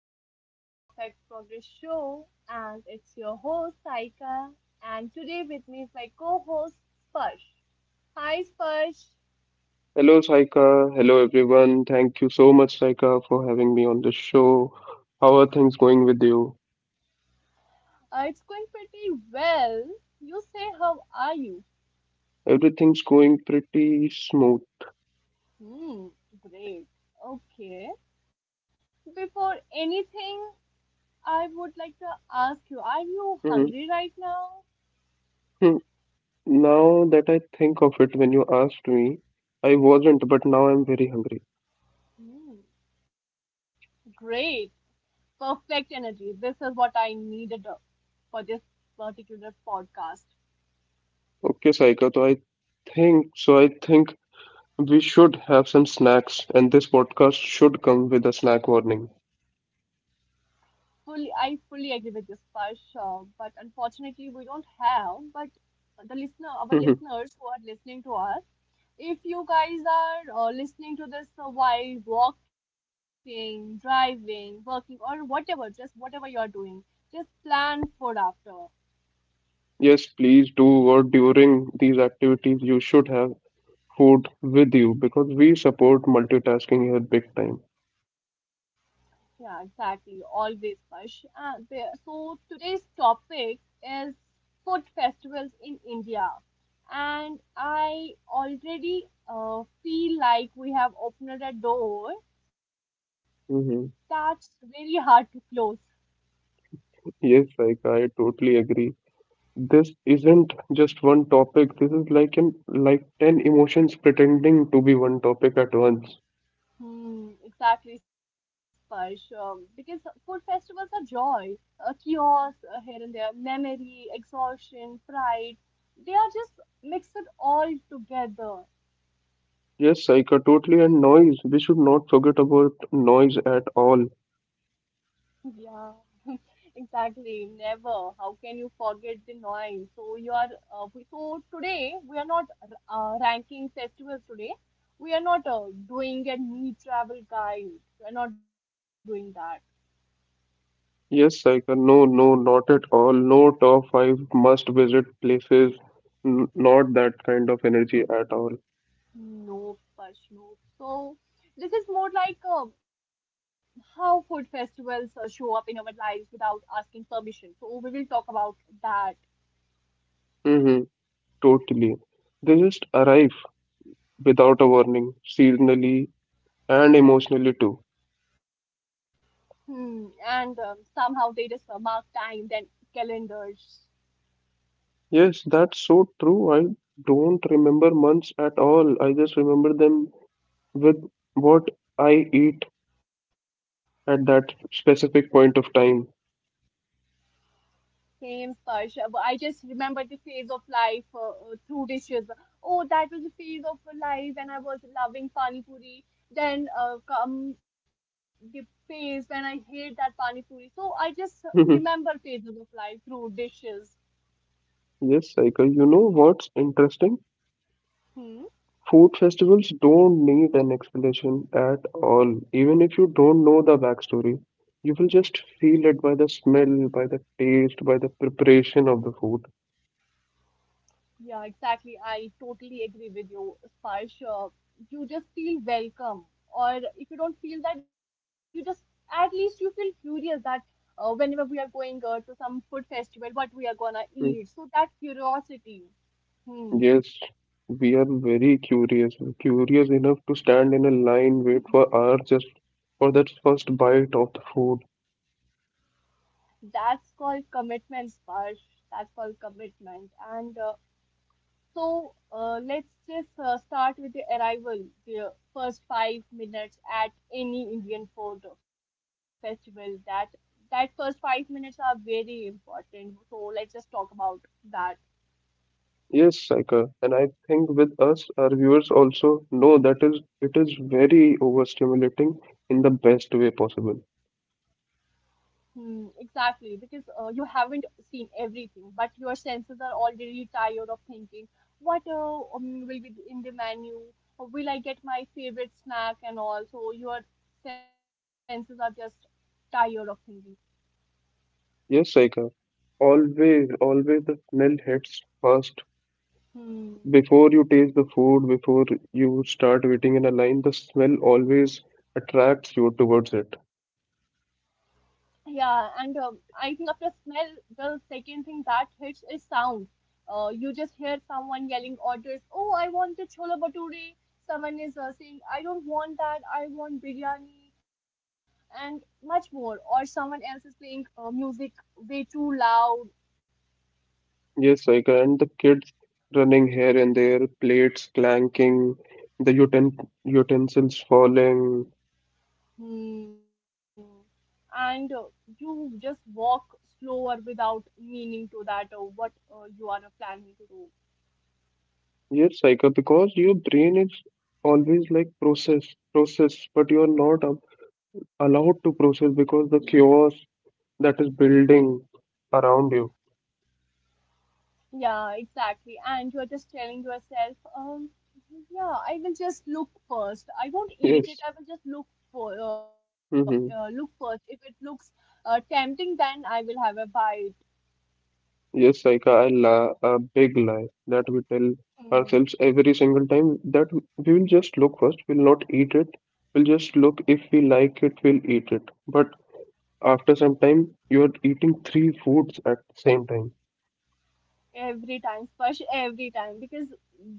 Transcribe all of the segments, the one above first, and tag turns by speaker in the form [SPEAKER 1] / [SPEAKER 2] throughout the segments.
[SPEAKER 1] back to the Imperfect Progress Show, and it's your host Saika, and today with me is my co-host Sparsh. Hi Sparsh,
[SPEAKER 2] Hello, Saika. Hello, everyone. Thank you so much, Saika, for having me on the show. How are things going with you?
[SPEAKER 1] it's going pretty well. You say how are you?
[SPEAKER 2] Everything's going pretty smooth.
[SPEAKER 1] Hmm, great. Okay. Before anything, I would like to ask you: Are you
[SPEAKER 2] Mhm.
[SPEAKER 1] hungry right now?
[SPEAKER 2] Hmm. Now that I think of it, when you asked me, I wasn't, but now I'm very hungry.
[SPEAKER 1] Hmm, great, perfect energy. This is what I needed for this particular podcast.
[SPEAKER 2] Okay, Saika, so I think we should have some snacks, and this podcast should come with a snack warning.
[SPEAKER 1] Fully I fully agree with this, Sparsh, but unfortunately we don't have. But the listener, our
[SPEAKER 2] Mhm.
[SPEAKER 1] listeners who are listening to us, if you guys are listening to this while walking, driving, working, or whatever, just whatever you are doing, just plan for after.
[SPEAKER 2] Yes, please do, or during these activities, you should have food with you because we support multitasking here big time.
[SPEAKER 1] Yeah, exactly. Always, Harsh. So today's topic is food festivals in India, and I already feel like we have opened a door that's
[SPEAKER 2] Mm-hmm.
[SPEAKER 1] very hard to close.
[SPEAKER 2] Yes, like I totally agree. This isn't just one topic. This is like an like ten emotions pretending to be one topic at once.
[SPEAKER 1] Hmm, exactly, Sparsh. Because food festivals are joy, a chaos here and there, memory, exhaustion, pride. They are just mixed all together.
[SPEAKER 2] Yes, Saika, totally. And noise. We should not forget about noise at all.
[SPEAKER 1] Yeah. Exactly, never. How can you forget the noise? So today we are not ranking festivals today. We are not doing a neat travel guide. We are not doing that.
[SPEAKER 2] Yes, Saika. No, no, not at all. No top five must visit places. Not that kind of energy at all.
[SPEAKER 1] No, Parsh, no. So this is more like how food festivals show up in our lives without asking permission. So we will talk about that.
[SPEAKER 2] Mm-hmm. Totally. They just arrive without a warning, seasonally and emotionally too.
[SPEAKER 1] Hmm. And somehow they just mark time, then calendars.
[SPEAKER 2] Yes, that's so true. I don't remember months at all. I just remember them with what I eat at that specific point of time.
[SPEAKER 1] Same, Sparsh. I just remember the phase of life through dishes. Oh, that was the phase of life when I was loving pani puri. Then come the phase when I hate that pani puri. So I just remember phases of life through dishes.
[SPEAKER 2] Yes, Saika, you know what's interesting?
[SPEAKER 1] Hmm.
[SPEAKER 2] Food festivals don't need an explanation at all. Even if you don't know the backstory, you will just feel it by the smell, by the taste, by the preparation of the food.
[SPEAKER 1] Yeah, exactly. I totally agree with you, Sparsh. You just feel welcome, or if you don't feel that, you just at least you feel curious that whenever we are going to some food festival, what we are gonna
[SPEAKER 2] Hmm.
[SPEAKER 1] eat. So that curiosity, hmm,
[SPEAKER 2] Yes, we are very curious, curious enough to stand in a line, wait for hours just for that first bite of the food.
[SPEAKER 1] that's called commitment, Sparsh. That's called commitment. And So Let's just start with the arrival, the first 5 minutes at any Indian food festival. That first 5 minutes are very important. So let's just talk about that.
[SPEAKER 2] Yes, Saika, and I think with us, our viewers also know that is it is very overstimulating in the best way possible.
[SPEAKER 1] Hmm, exactly, because you haven't seen everything, but your senses are already tired of thinking, what will be in the menu? Will I get my favorite snack and all? So your senses are just tired of thinking.
[SPEAKER 2] Yes, Saika, always, always the smell hits first.
[SPEAKER 1] Hmm.
[SPEAKER 2] Before you taste the food, before you start waiting in a line, the smell always attracts you towards it.
[SPEAKER 1] Yeah, and I think after smell, the second thing that hits is sound. You just hear someone yelling orders. Oh, I want the chola bhature. Someone is saying, I don't want that. I want biryani and much more. Or someone else is playing music way too loud.
[SPEAKER 2] Yes, I And the kids running here and there, plates clanking, the utensils falling.
[SPEAKER 1] Hmm. And You just walk slower without meaning to that what you are planning to do.
[SPEAKER 2] Yes, Saika, because your brain is always like process, process, but you're not allowed to process because the chaos that is building around you.
[SPEAKER 1] Yeah, exactly. And you're just telling yourself, yeah, I will just look first. I won't eat it.
[SPEAKER 2] Yes,
[SPEAKER 1] I will just look for look first.
[SPEAKER 2] hmm.
[SPEAKER 1] If it looks tempting, then I will have a bite.
[SPEAKER 2] Yes, Saika, I la a big lie that we tell
[SPEAKER 1] Mm.
[SPEAKER 2] ourselves every single time that we will just look first, we'll not eat it. We'll just look if we like it, we'll eat it. But after some time, you are eating three foods at the same time.
[SPEAKER 1] Every time, Sparsh, every time. Because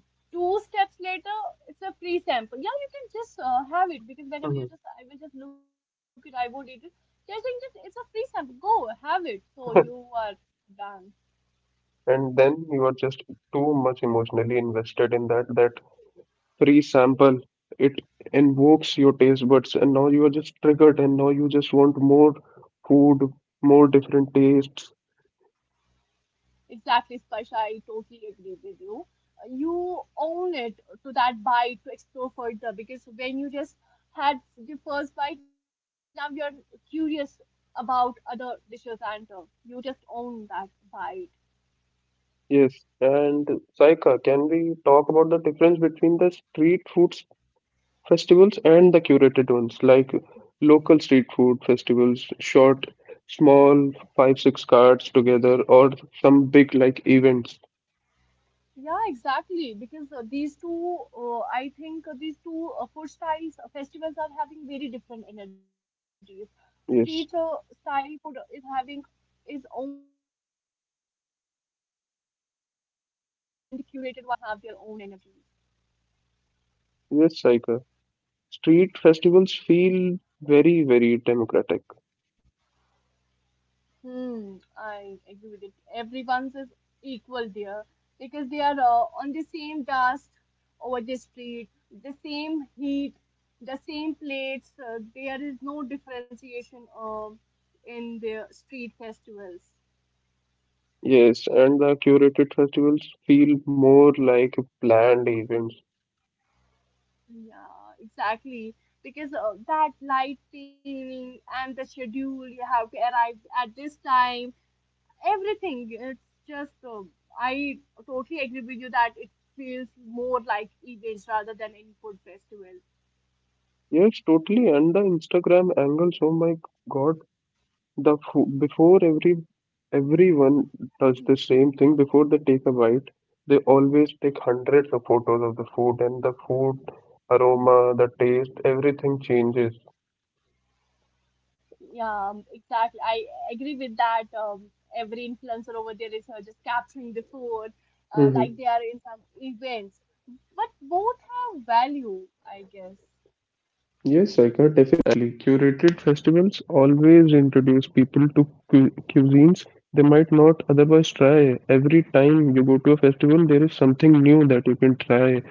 [SPEAKER 1] two steps later, it's a free sample. Yeah, you can just have it. Because whenever you
[SPEAKER 2] Mhm.
[SPEAKER 1] just, I will just look it. I won't eat it. Just saying just it's a free sample. Go have it. So you are done.
[SPEAKER 2] And then you are just too much emotionally invested in that free sample. It invokes your taste buds, and now you are just triggered, and now you just want more food, more different tastes.
[SPEAKER 1] Exactly, Sparsh. I totally agree with you. You own it to that bite to explore further because when you just had the first bite, now you're curious about other dishes and you just own that bite.
[SPEAKER 2] Yes, and Saika, can we talk about the difference between the street food festivals and the curated ones, like local street food festivals, short, small, 5 6 cards together, or some big like events.
[SPEAKER 1] Yeah, exactly. Because these two food styles festivals are having very different energies. Street
[SPEAKER 2] Yes,
[SPEAKER 1] style food is having its own energy, and the curated one have their own energy.
[SPEAKER 2] yes, Saika. Street festivals feel very, very democratic.
[SPEAKER 1] Hmm, I agree with it. Everyone's is equal there because they are on the same dust over the street, the same heat, the same plates. There is no differentiation in the street festivals.
[SPEAKER 2] Yes, and the curated festivals feel more like planned events.
[SPEAKER 1] Yeah, exactly. Because that light training and the schedule, you have to arrive at this time everything. It's just I totally agree with you that it feels more like events rather than any food festival.
[SPEAKER 2] Yes, totally. And the Instagram angles, oh my god. The fo before every everyone does
[SPEAKER 1] Mhm.
[SPEAKER 2] the same thing before they take a bite; they always take hundreds of photos of the food, and the food aroma, the taste, everything changes.
[SPEAKER 1] Yeah, exactly. I agree with that. Every influencer over there is just capturing the food, like
[SPEAKER 2] Hmm.
[SPEAKER 1] they are in some events. But both have value, I guess.
[SPEAKER 2] Yes, Saika, definitely. Curated festivals always introduce people to cu cuisines they might not otherwise try. Every time you go to a festival, there is something new that you can try.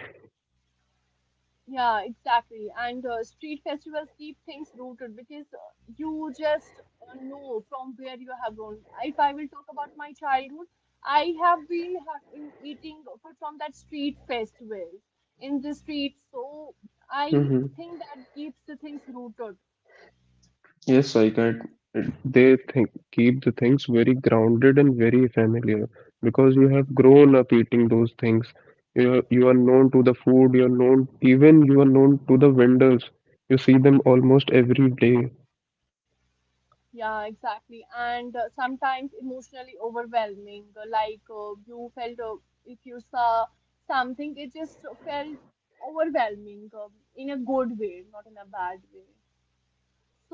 [SPEAKER 1] Yeah, exactly. And street festivals keep things rooted because you just know from where you have grown. If I will talk about my childhood, I have been having, eating food from that street festivals in the streets. So I
[SPEAKER 2] Mm-hmm.
[SPEAKER 1] think that keeps the things rooted.
[SPEAKER 2] Yes, I can. They think keep the things very grounded and very familiar because you have grown up eating those things. You are known to the food. You are known to the vendors. You see them almost every day.
[SPEAKER 1] Yeah, exactly. And sometimes emotionally overwhelming. Like you felt if you saw something, it just felt overwhelming in a good way, not in a bad way.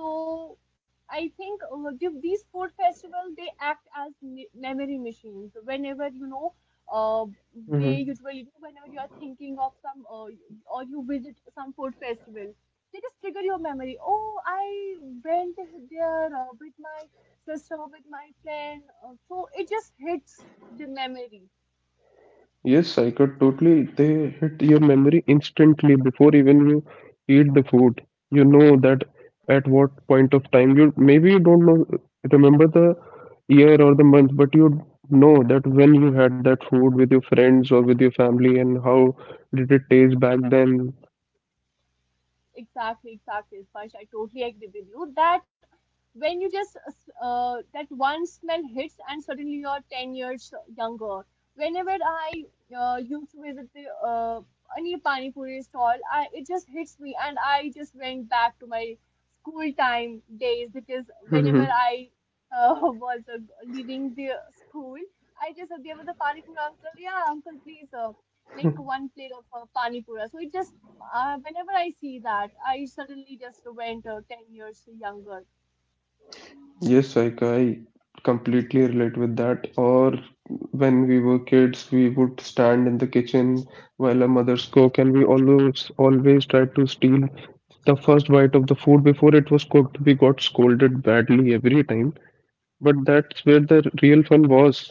[SPEAKER 1] So I think these food festivals they act as memory machines. Whenever you know, uh, they
[SPEAKER 2] Mhm.
[SPEAKER 1] usually do whenever you are thinking of some or you visit some food festival, they just trigger your memory. Oh, I went there with my sister, with my friend. So it just hits the memory.
[SPEAKER 2] Yes, I could totally. They hit your memory instantly before even you eat the food. You know that at what point of time, you maybe you don't know, remember the year or the month, but you know that when you had that food with your friends or with your family, and how did it taste back then.
[SPEAKER 1] Exactly, exactly, Ispash, I totally agree with you that when you just that one smell hits and suddenly you're 10 years younger whenever I used to visit the uh, any pani puri stall it just hits me and I just went back to my school time days because whenever I was leaving the school I just there was a pani puri uncle, yeah, uncle please make one plate of pani puri. So it just whenever I see that, I suddenly just went 10 years younger.
[SPEAKER 2] Yes, like I completely relate with that. Or when we were kids, we would stand in the kitchen while our mothers cook, and we always, always tried to steal the first bite of the food before it was cooked. We got scolded badly every time, but that's where the real fun was.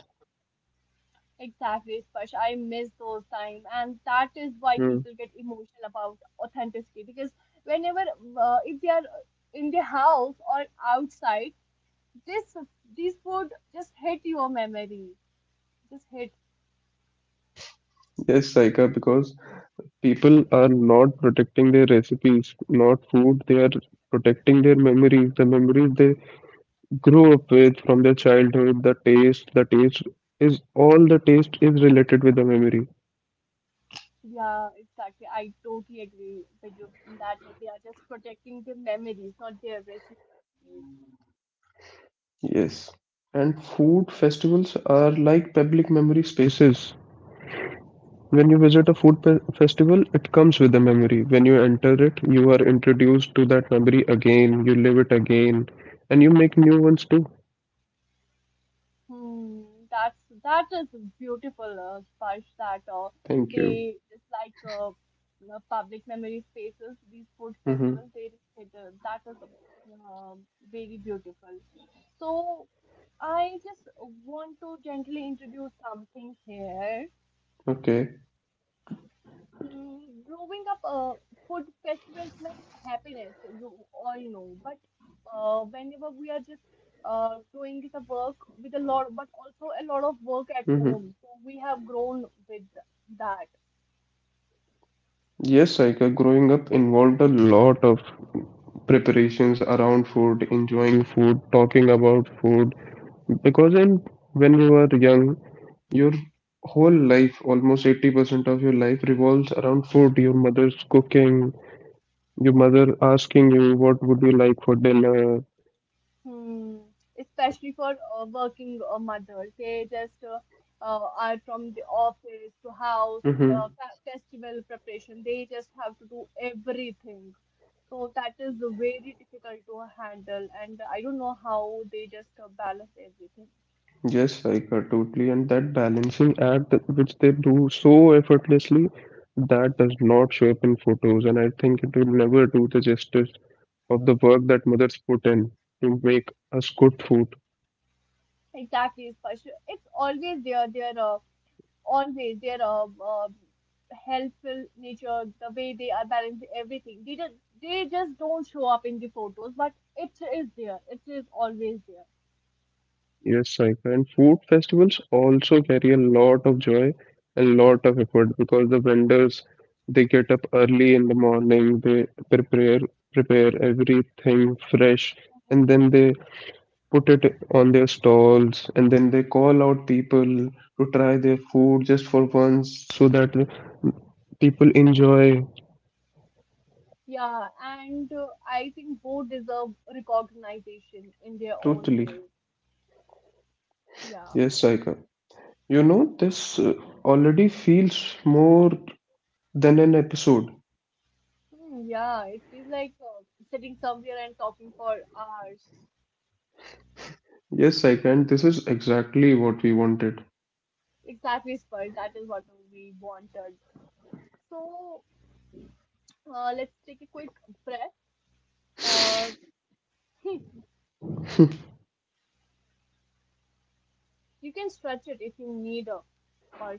[SPEAKER 1] Exactly, Sparsh. I miss those time, and that is why
[SPEAKER 2] Hmm.
[SPEAKER 1] people get emotional about authenticity because whenever if they are in the house or outside, this this food just hit your memory. Just hit.
[SPEAKER 2] Yes, Saika, because people are not protecting their recipes, not food. They are protecting their memories, the memories they grew up with from their childhood, the taste is all the taste is related with the memory.
[SPEAKER 1] Yeah, exactly. I totally agree with you in that they are just protecting the memories, not their recipes. Wow.
[SPEAKER 2] Yes. And food festivals are like public memory spaces. When you visit a food festival, it comes with a memory. When you enter it, you are introduced to that memory again, you live it again, and you make new ones too.
[SPEAKER 1] Hmm, that's that is beautiful, Sparsh, that
[SPEAKER 2] Thank you.
[SPEAKER 1] they just like you know, public memory spaces, these food
[SPEAKER 2] Mm-hmm.
[SPEAKER 1] festivals, that is uh, very beautiful. So I just want to gently introduce something here.
[SPEAKER 2] Okay.
[SPEAKER 1] Mm, growing up, food festivals meant happiness, you all know. But whenever we are just doing the work with a lot, but also a lot of work at
[SPEAKER 2] Mm-hmm.
[SPEAKER 1] home, so we have grown with that.
[SPEAKER 2] Yes, Saika, growing up involved a lot of preparations around food, enjoying food, talking about food, because in when we were young, your whole life, almost 80% of your life revolves around food, your mother's cooking, your mother asking you what would you like for dinner.
[SPEAKER 1] Hmm. Especially for working mothers, they just are from the office to house,
[SPEAKER 2] Hmm.
[SPEAKER 1] festival preparation. They just have to do everything. So that is very difficult to handle, and I don't know how they just balance everything.
[SPEAKER 2] Yes, Saika, totally. And that balancing act which they do so effortlessly, that does not show up in photos. And I think it will never do the justice of the work that mothers put in to make us good food.
[SPEAKER 1] Exactly, especially it's always there. There, always their helpful nature, the way they are balancing everything. They just don't show up in the photos, but it is there. It is always there.
[SPEAKER 2] Yes, Saika. And food festivals also carry a lot of joy and lot of effort because the vendors, they get up early in the morning, they prepare prepare everything fresh, and
[SPEAKER 1] Mhm.
[SPEAKER 2] then they put it on their stalls, and then they call out people to try their food just for once, so that people enjoy.
[SPEAKER 1] Yeah, and I think both deserve recognition in their own
[SPEAKER 2] Totally.
[SPEAKER 1] way. Yeah.
[SPEAKER 2] Yes, Saika. You know, this already feels more than an episode.
[SPEAKER 1] Hmm, yeah. It feels like sitting somewhere and talking for hours.
[SPEAKER 2] Yes, Saika,
[SPEAKER 1] Mhm.
[SPEAKER 2] and this is exactly what we wanted.
[SPEAKER 1] Exactly, Spurs. That is what we wanted. So let's take a quick breath. Uh, you can stretch it if you need a but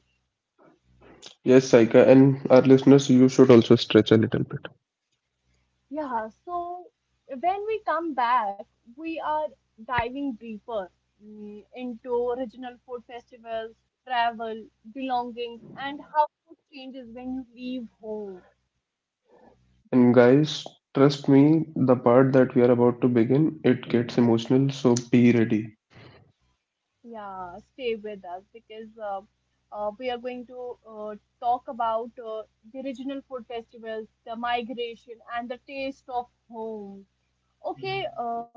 [SPEAKER 2] Yes, Saika, and our listeners, you should also stretch a little bit.
[SPEAKER 1] yeah. So when we come back we are diving deeper, into regional food festivals, travel, belongings, and how food changes when you leave home.
[SPEAKER 2] And guys, trust me, the part that we are about to begin, it gets emotional, so be ready.
[SPEAKER 1] Yeah, stay with us because we are going to talk about the regional food festivals, the migration, and the taste of home. Okay,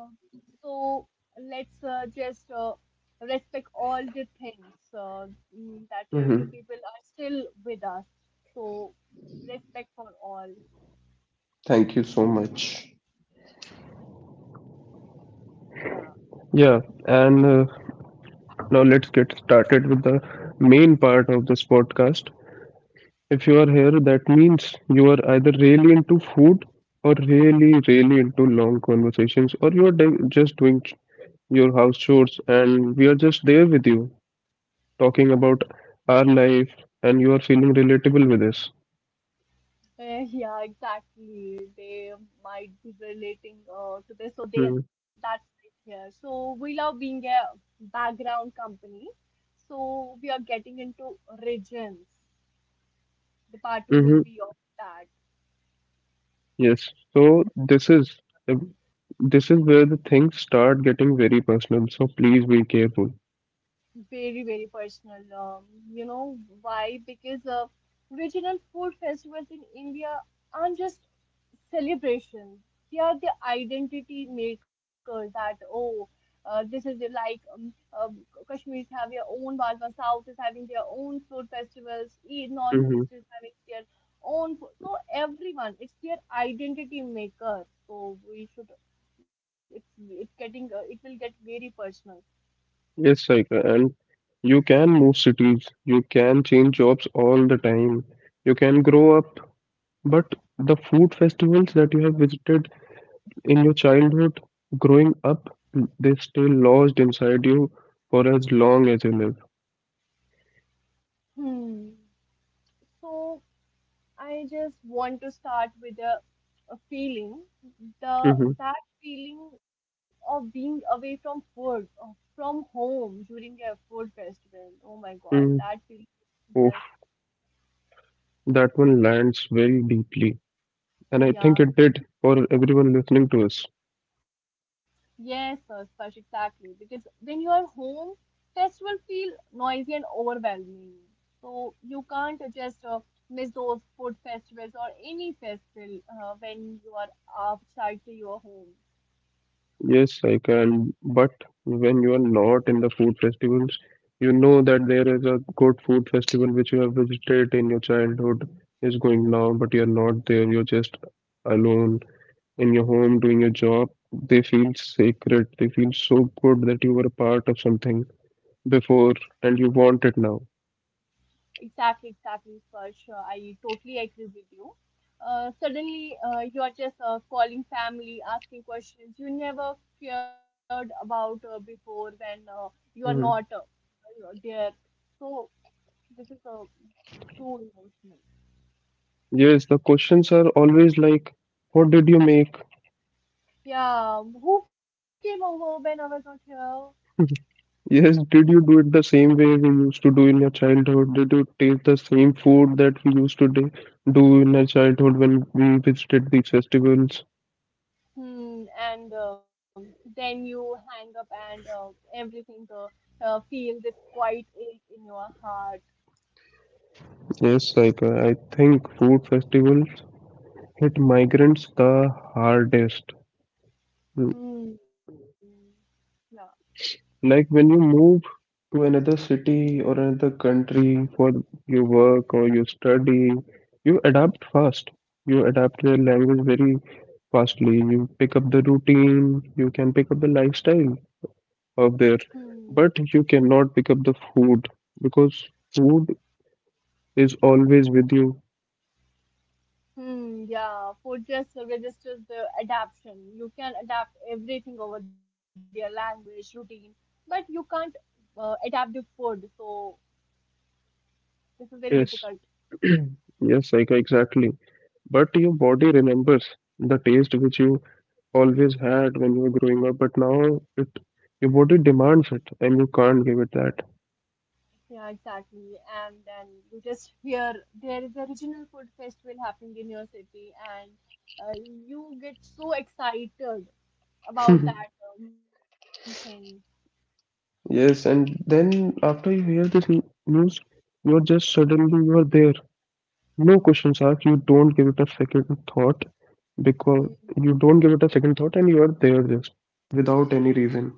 [SPEAKER 1] so let's just respect all the things that you
[SPEAKER 2] Hmm.
[SPEAKER 1] people are still with us. So respect for all.
[SPEAKER 2] Thank you so much.
[SPEAKER 1] Yeah.
[SPEAKER 2] Yeah, and now let's get started with the main part of this podcast. If you are here, that means you are either really into food, or really, really into long conversations, or you are just doing your house chores, and we are just there with you, talking about our life, and you are feeling relatable with us.
[SPEAKER 1] Eh, yeah, exactly. They might be relating to this, so they that's it here. So we love being a background company. So we are getting into regions. The part two
[SPEAKER 2] Mm-hmm.
[SPEAKER 1] will be of that.
[SPEAKER 2] Yes. So um, this is where the things start getting very personal. So please be careful.
[SPEAKER 1] Very, very personal. You know why? Because regional food festivals in India aren't just celebrations. They are the identity makers. That oh, this is the, like Kashmiris have their own Balwa, South is having their own food festivals, North
[SPEAKER 2] Mm-hmm.
[SPEAKER 1] East is having their own food. So everyone, it's their identity maker. So we should. It's getting it will get very personal.
[SPEAKER 2] Yes, Saika, and you can move cities, you can change jobs all the time, you can grow up, but the food festivals that you have visited in your childhood, growing up, they stay lodged inside you for as long as you live.
[SPEAKER 1] Hmm. So I just want to start with a feeling, the
[SPEAKER 2] Hmm.
[SPEAKER 1] that feeling of being away from food, of, from home during a food festival. Oh my God, that
[SPEAKER 2] Mm.
[SPEAKER 1] feeling is
[SPEAKER 2] Oof,
[SPEAKER 1] just
[SPEAKER 2] that one lands very deeply. And I think
[SPEAKER 1] yeah.
[SPEAKER 2] it did for everyone listening to us.
[SPEAKER 1] Yes, Spursh, exactly. Because when you are home, festival feel noisy and overwhelming. So you can't just miss those food festivals or any festival when you are outside to your home.
[SPEAKER 2] Yes, I can. But when you are not in the food festivals, you know that there is a good food festival which you have visited in your childhood is going now, but you're not there. You're just alone in your home doing your job, they feel sacred. They feel so good that you were a part of something before and you want it now.
[SPEAKER 1] Exactly, exactly, Sparsh. I totally agree with you. Suddenly, you are just calling family, asking questions you never cared about before when you are not
[SPEAKER 2] Hmm.
[SPEAKER 1] there. So, this is too emotional.
[SPEAKER 2] Yes, the questions are always like, what did you make?
[SPEAKER 1] Yeah, who came over when I was not here?
[SPEAKER 2] Yes, did you do it the same way we used to do in your childhood? Did you taste the same food that we used to do in our childhood when we visited these festivals?
[SPEAKER 1] Hmm, and Then you hang up, and everything feels this quiet ache in your heart.
[SPEAKER 2] Yes, like I think food festivals hit migrants the hardest.
[SPEAKER 1] Hmm, yeah.
[SPEAKER 2] Like when you move to another city or another country for your work or your study, you adapt fast. You adapt the language very fastly. You pick up the routine, you can pick up the lifestyle of there,
[SPEAKER 1] Hmm.
[SPEAKER 2] but you cannot pick up the food because food is always with you.
[SPEAKER 1] Hmm, yeah, Fortress registers the adaptation. You can adapt everything over their language, routine, but you can't adapt the food. So this is very difficult.
[SPEAKER 2] Yes, yes, like exactly. But your body remembers the taste which you always had when you were growing up, but now it your body demands it and you can't give it that.
[SPEAKER 1] Yeah, exactly. And then you just hear there is a regional food festival happening in your city, and you get so excited about that thing.
[SPEAKER 2] Yes, and then after you hear this news, you're just suddenly you're there. No questions asked. You don't give it a second thought, because
[SPEAKER 1] Hmm.
[SPEAKER 2] you don't give it a second thought, and you are there just without any
[SPEAKER 1] Yeah.
[SPEAKER 2] reason.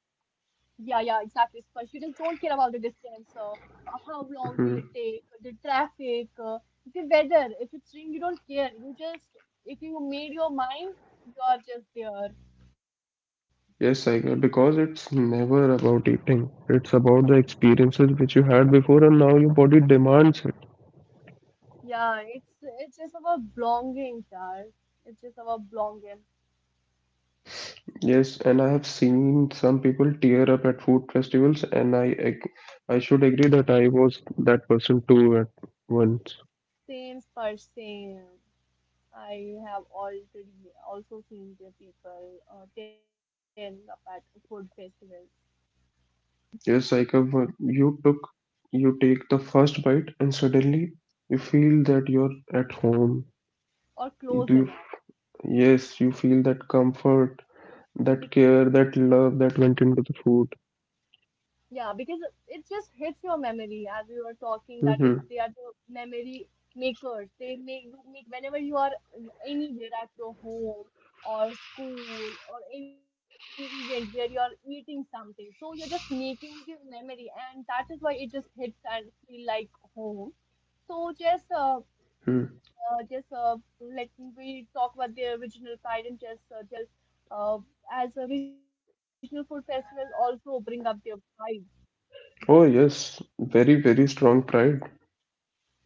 [SPEAKER 1] Yeah, yeah, exactly, Sparsh. You just don't care about the distance, how long will it
[SPEAKER 2] Hmm.
[SPEAKER 1] take, the traffic, the weather. If it's rain, you don't care. If you made your mind, you are just there.
[SPEAKER 2] Yes, I get because it's never about eating. It's about the experiences which you had before, and now your body demands it.
[SPEAKER 1] Yeah, it's just about belonging, yaar. It's just about belonging.
[SPEAKER 2] Yes, and I have seen some people tear up at food festivals, and I should agree that I was that person too at once.
[SPEAKER 1] Same, Sparsh, same. I have already also seen the people tearing up at food festivals
[SPEAKER 2] Yes, Saikav, you take the first bite, and suddenly you feel that you're at home.
[SPEAKER 1] or close
[SPEAKER 2] Do you,
[SPEAKER 1] enough.
[SPEAKER 2] yes, you feel that comfort,
[SPEAKER 1] They
[SPEAKER 2] that care, that love that went into the food.
[SPEAKER 1] Yeah, because it just hits your memory as we were talking that if they
[SPEAKER 2] Mm-hmm.
[SPEAKER 1] are the memory makers, they make make whenever you are anywhere at your home or school or any event where you're eating something. So you're just making the memory and that is why it just hits and feel like home. So just
[SPEAKER 2] Mm-hmm.
[SPEAKER 1] let me talk about the original pride and just uh, as original food festivals also bring up their pride.
[SPEAKER 2] Oh yes, very, very strong pride.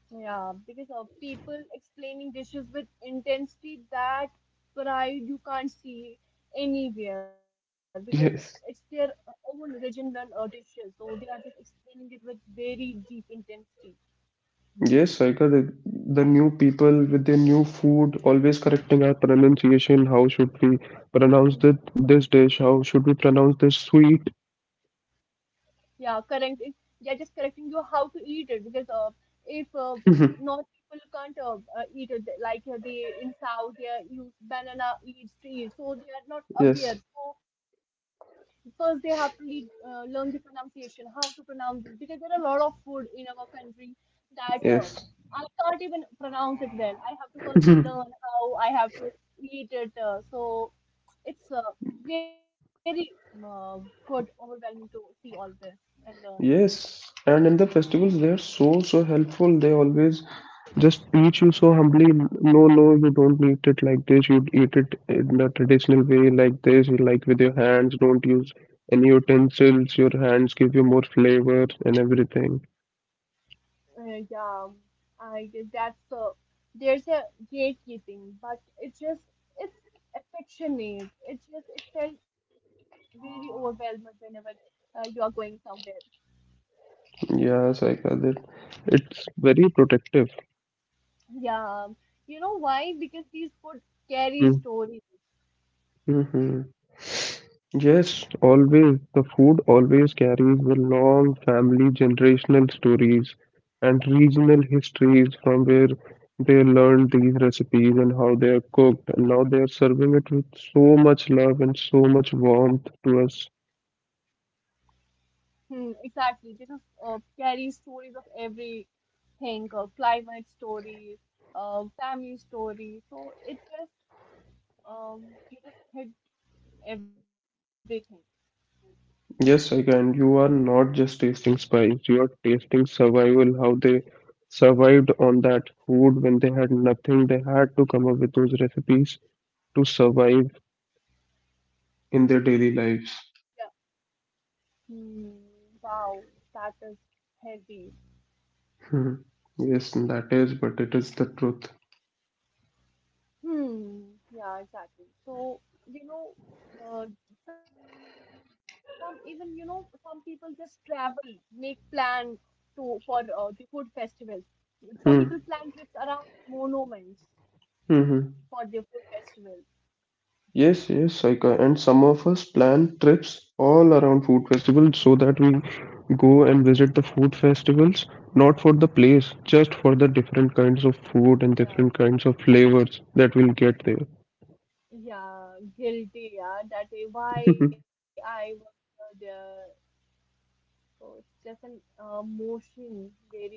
[SPEAKER 1] Yeah, because of people explaining dishes with intensity that pride you can't see anywhere because it's their
[SPEAKER 2] Yes.
[SPEAKER 1] own regional dishes, so they are just explaining it with very deep intensity.
[SPEAKER 2] Yes, Saika, the new people with their new food, always correcting our pronunciation. How should we pronounce
[SPEAKER 1] Hmm.
[SPEAKER 2] that, this dish? How should we pronounce this sweet?
[SPEAKER 1] Yeah, correct. They are just correcting you how to eat it because if not people can't eat it. They in South, they are use banana leaves to eat, so they are not
[SPEAKER 2] Yes,
[SPEAKER 1] aware. So first they have to learn the pronunciation, how to pronounce it because there are a lot of food in our country that
[SPEAKER 2] yes,
[SPEAKER 1] I can't even pronounce it well. I have to first learn how I have to eat it. So it's very uh, good, overwhelming to see all this and learn.
[SPEAKER 2] yes. And in the festivals, they're so helpful. They always just teach you so humbly. No, no, you don't eat it like this. You eat it in a traditional way, like this, you like with your hands. Don't use any utensils. Your hands give you more flavor and everything.
[SPEAKER 1] Uh, yeah, um, I guess that's there's a gatekeeping, but it's affectionate. It felt very overwhelming whenever you are going somewhere.
[SPEAKER 2] Yes, I got it. It's very protective.
[SPEAKER 1] Yeah, you know why? Because these food carry stories.
[SPEAKER 2] Mm-hmm. Yes, always. The food always carries the long family generational stories and regional histories from where they learned these recipes and how they are cooked. And now they are serving it with so much love and so much warmth to us.
[SPEAKER 1] Hmm, exactly. They just carry stories of every think, climate stories, family stories. So it just you just hit everything.
[SPEAKER 2] Yes, I can. You are not just tasting spice, you are tasting survival, how they survived on that food when they had nothing. They had to come up with those recipes to survive in their daily
[SPEAKER 1] Yeah.
[SPEAKER 2] lives.
[SPEAKER 1] Hmm. Wow, that is heavy.
[SPEAKER 2] Hmm. Yes, that is, but it is the truth.
[SPEAKER 1] Hmm. Yeah, exactly. So you know, uh, some even you know some people just travel, make plan to for the food festivals. Some people plan trips
[SPEAKER 2] Hmm.
[SPEAKER 1] around monuments for
[SPEAKER 2] hmm
[SPEAKER 1] their food festivals.
[SPEAKER 2] Yes, and some of us plan trips all around food festivals so that we go and visit the food festivals, not for the place, just for the different kinds of food and
[SPEAKER 1] Yeah.
[SPEAKER 2] different kinds of flavors that we'll get there.
[SPEAKER 1] Yeah, guilty. Yeah, that is why I was there. So it's just an motion very close.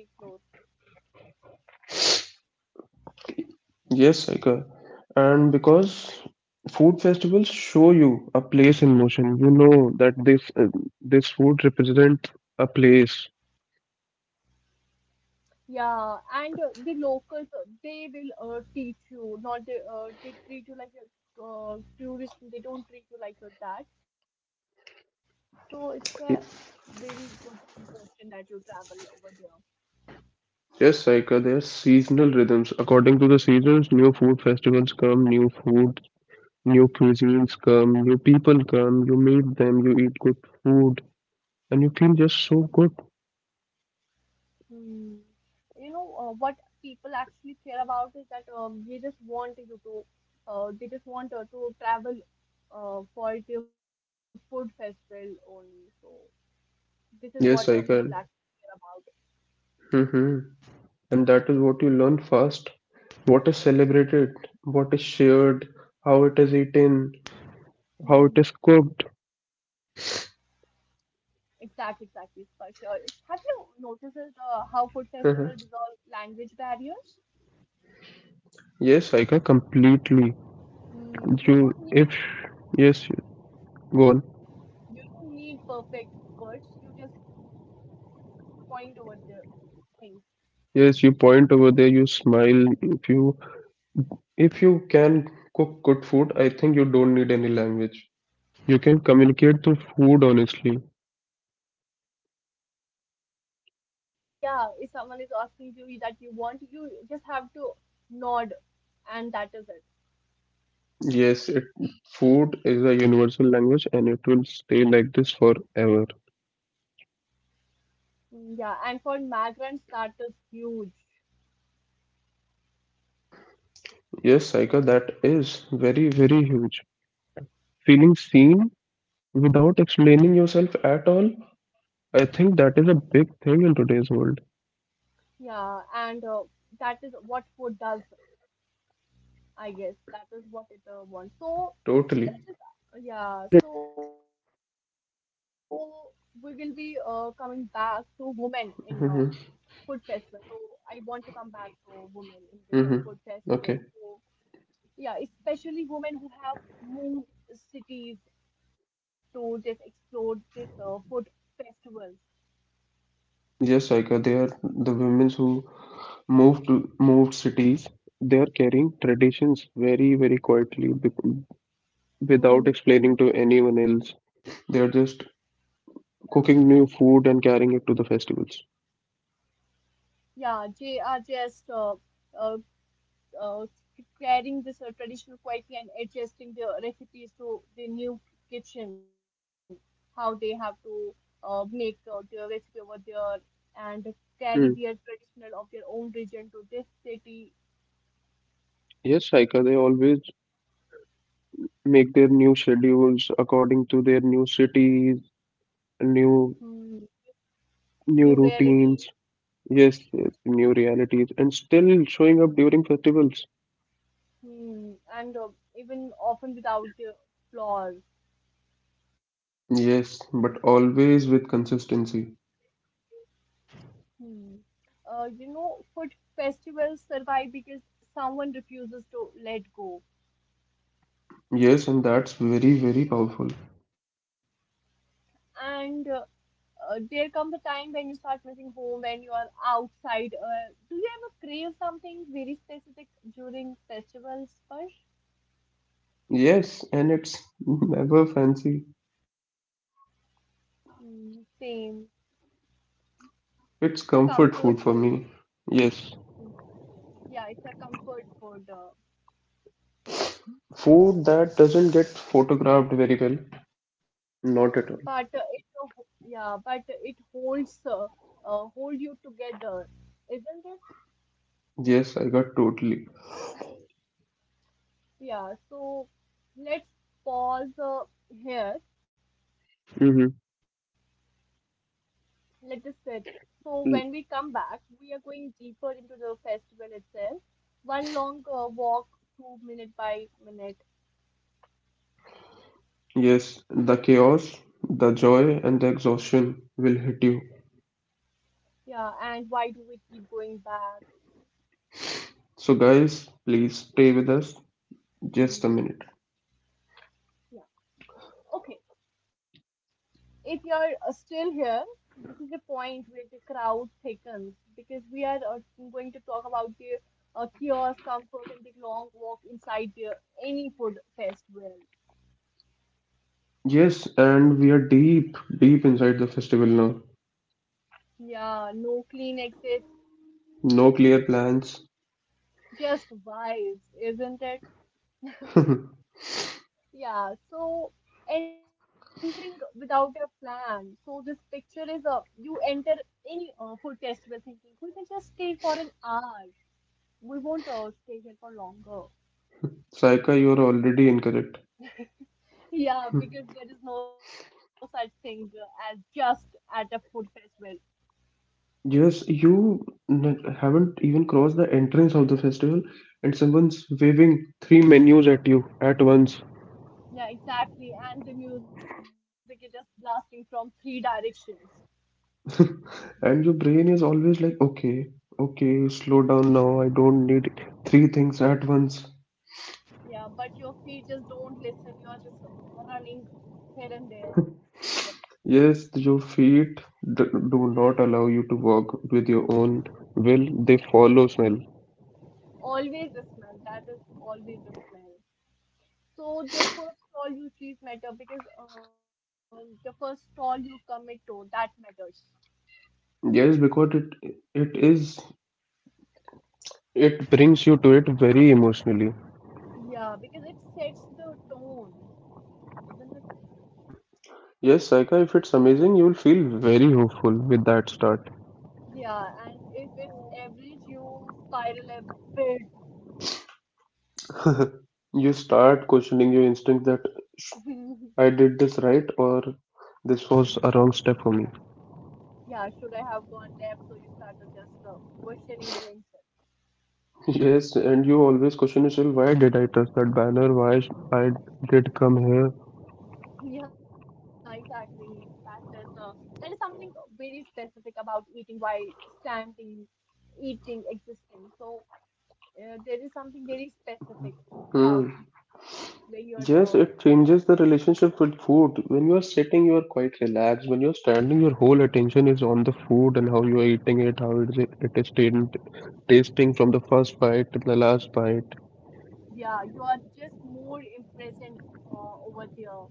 [SPEAKER 2] Yes, Saika. And because food festivals show you a place in motion, you know that this this food represents a place.
[SPEAKER 1] Yeah, and the locals, they will teach you. Not they they treat you like a tourist. They don't treat you like you're that. So it's a very good emotion that you travel over there.
[SPEAKER 2] Yes, Saika, there's seasonal rhythms. According to the seasons, new food festivals come, new food, new cuisines come, new people come, you meet them, you eat good food, and you feel just so good.
[SPEAKER 1] Hmm. You know, what people actually care about is that they just want you to, they just want to travel for the food festival only. So this is what
[SPEAKER 2] Yes,
[SPEAKER 1] people
[SPEAKER 2] Saika.
[SPEAKER 1] actually care about.
[SPEAKER 2] Mm-hmm. And that is what you learn fast. What is celebrated, what is shared, how it is eaten, how it
[SPEAKER 1] Hmm.
[SPEAKER 2] is cooked.
[SPEAKER 1] Exactly, exactly, for sure. Have you noticed how food festival
[SPEAKER 2] Mhm.
[SPEAKER 1] dissolve language barriers?
[SPEAKER 2] Yes, Saika, completely.
[SPEAKER 1] Hmm.
[SPEAKER 2] You, if, yes, go on.
[SPEAKER 1] You don't need perfect words. You just point over the things.
[SPEAKER 2] Yes, you point over there, you smile, if you if you can cook good food, I think you don't need any language. You can communicate through food honestly.
[SPEAKER 1] Yeah, you just nod. Yeah, if someone is asking you that you want, you just have to nod, and that is it.
[SPEAKER 2] Yes, food is a universal language and it will stay like this forever.
[SPEAKER 1] Mm, yeah, and for migrants, that is huge.
[SPEAKER 2] Yes, Saika, that is very huge. Feeling seen without explaining yourself at all, I think that is a big thing in today's world.
[SPEAKER 1] Yeah, and that is what food does, I guess. That is what it wants.
[SPEAKER 2] Totally.
[SPEAKER 1] Let's just, yeah, so we will be coming back to women in food festival. So,
[SPEAKER 2] Mm-hmm.
[SPEAKER 1] I want to come back to women in this food festival.
[SPEAKER 2] Mm-hmm.
[SPEAKER 1] So,
[SPEAKER 2] Okay.
[SPEAKER 1] yeah, especially women who have moved cities to just explore this food festivals.
[SPEAKER 2] Yes, Saika, they are the women who moved moved cities, they are carrying traditions very quietly, without
[SPEAKER 1] Hmm.
[SPEAKER 2] explaining to anyone else. They are just cooking new food and carrying it to the festivals.
[SPEAKER 1] Yeah, they are just uh, uh, carrying this traditional quietly and adjusting their recipes to the new kitchen, how they have to make their recipe over there and carry
[SPEAKER 2] Hmm.
[SPEAKER 1] their traditional of their own region to this city,
[SPEAKER 2] Yes, Saika, they always make their new schedules according to their new cities,
[SPEAKER 1] hmm,
[SPEAKER 2] new
[SPEAKER 1] new
[SPEAKER 2] new
[SPEAKER 1] reality.
[SPEAKER 2] routines. Yes, new realities, and still showing up during festivals.
[SPEAKER 1] Hmm, and even often without flaws.
[SPEAKER 2] Yes, but always with consistency.
[SPEAKER 1] Hmm. You know, food festivals survive because someone refuses to let go.
[SPEAKER 2] Yes, and that's very powerful.
[SPEAKER 1] And there comes a time when you start missing home, when you are outside. Do you ever crave something very specific during festivals, Sparsh?
[SPEAKER 2] Yes, and it's never fancy.
[SPEAKER 1] Hmm, same.
[SPEAKER 2] It's
[SPEAKER 1] It's a
[SPEAKER 2] comfort
[SPEAKER 1] comfort
[SPEAKER 2] food for
[SPEAKER 1] food.
[SPEAKER 2] me. Yes.
[SPEAKER 1] Hmm. Yeah, it's a comfort food.
[SPEAKER 2] Food that doesn't get photographed very well. Not
[SPEAKER 1] But
[SPEAKER 2] at all.
[SPEAKER 1] it Yeah, but it holds, hold you together, isn't it?
[SPEAKER 2] Yes, I got totally.
[SPEAKER 1] Yeah, so let's pause here.
[SPEAKER 2] Mm-hmm.
[SPEAKER 1] Let us sit, so when we come back we are going deeper into the festival itself, one long walk through minute by minute.
[SPEAKER 2] Yes, the chaos, the joy, and the exhaustion will hit you.
[SPEAKER 1] Yeah, and why do we keep going back?
[SPEAKER 2] So, guys, please stay with us just a minute.
[SPEAKER 1] Hmm. Yeah. Okay. If you're still here, this is the point where the crowd thickens because we are going to talk about the kiosk comfort and the long walk inside the any food fest world.
[SPEAKER 2] Yes, and we are deep inside the festival now.
[SPEAKER 1] Yeah, no clean exits,
[SPEAKER 2] No clear plans.
[SPEAKER 1] just vibes, isn't it? Yeah, so entering without a plan. So this picture is you enter any food festival thinking we will just stay for an hour. We won't stay here for longer.
[SPEAKER 2] Saika, you're already incorrect.
[SPEAKER 1] Yeah, because there is no such thing as just at a food festival.
[SPEAKER 2] Yes, haven't even crossed the entrance of the festival, and someone's waving three menus at you at once.
[SPEAKER 1] Yeah, exactly. And the music is just blasting from three directions.
[SPEAKER 2] And your brain is always like, okay, slow down now. I don't need three things at once.
[SPEAKER 1] Yeah, but your feet just don't listen. You're just running here and there.
[SPEAKER 2] Yes, your feet d- do not allow you to walk with your own will. They follow smell.
[SPEAKER 1] Always a smell. That is always a smell. So the first stall you choose matter because the first stall you commit to, that matters.
[SPEAKER 2] Yes, because it brings you to it very emotionally.
[SPEAKER 1] Yeah, because it sets the tone, isn't it?
[SPEAKER 2] Yes, Saika, if it's amazing, you will feel very hopeful with that start.
[SPEAKER 1] Yeah, and if it's average, you spiral a bit.
[SPEAKER 2] You start questioning your instinct that I did this right or this was
[SPEAKER 1] Yeah,
[SPEAKER 2] a wrong step for me.
[SPEAKER 1] yeah, should I have gone left? So you started just questioning your answer.
[SPEAKER 2] Yes, and you always question yourself, why did I trust that banner? Why I did come here?
[SPEAKER 1] Yeah, exactly. Yes, that is something very specific about eating while standing, eating, existing. So there is something very specific about
[SPEAKER 2] Hmm.
[SPEAKER 1] it. Like you're,
[SPEAKER 2] Yes,
[SPEAKER 1] um,
[SPEAKER 2] it changes the relationship with food. When you are sitting, you are quite relaxed. When you are standing, your whole attention is on the food and how you are eating it, it is tasting from the first bite to the last bite.
[SPEAKER 1] yeah, you are just more in present over there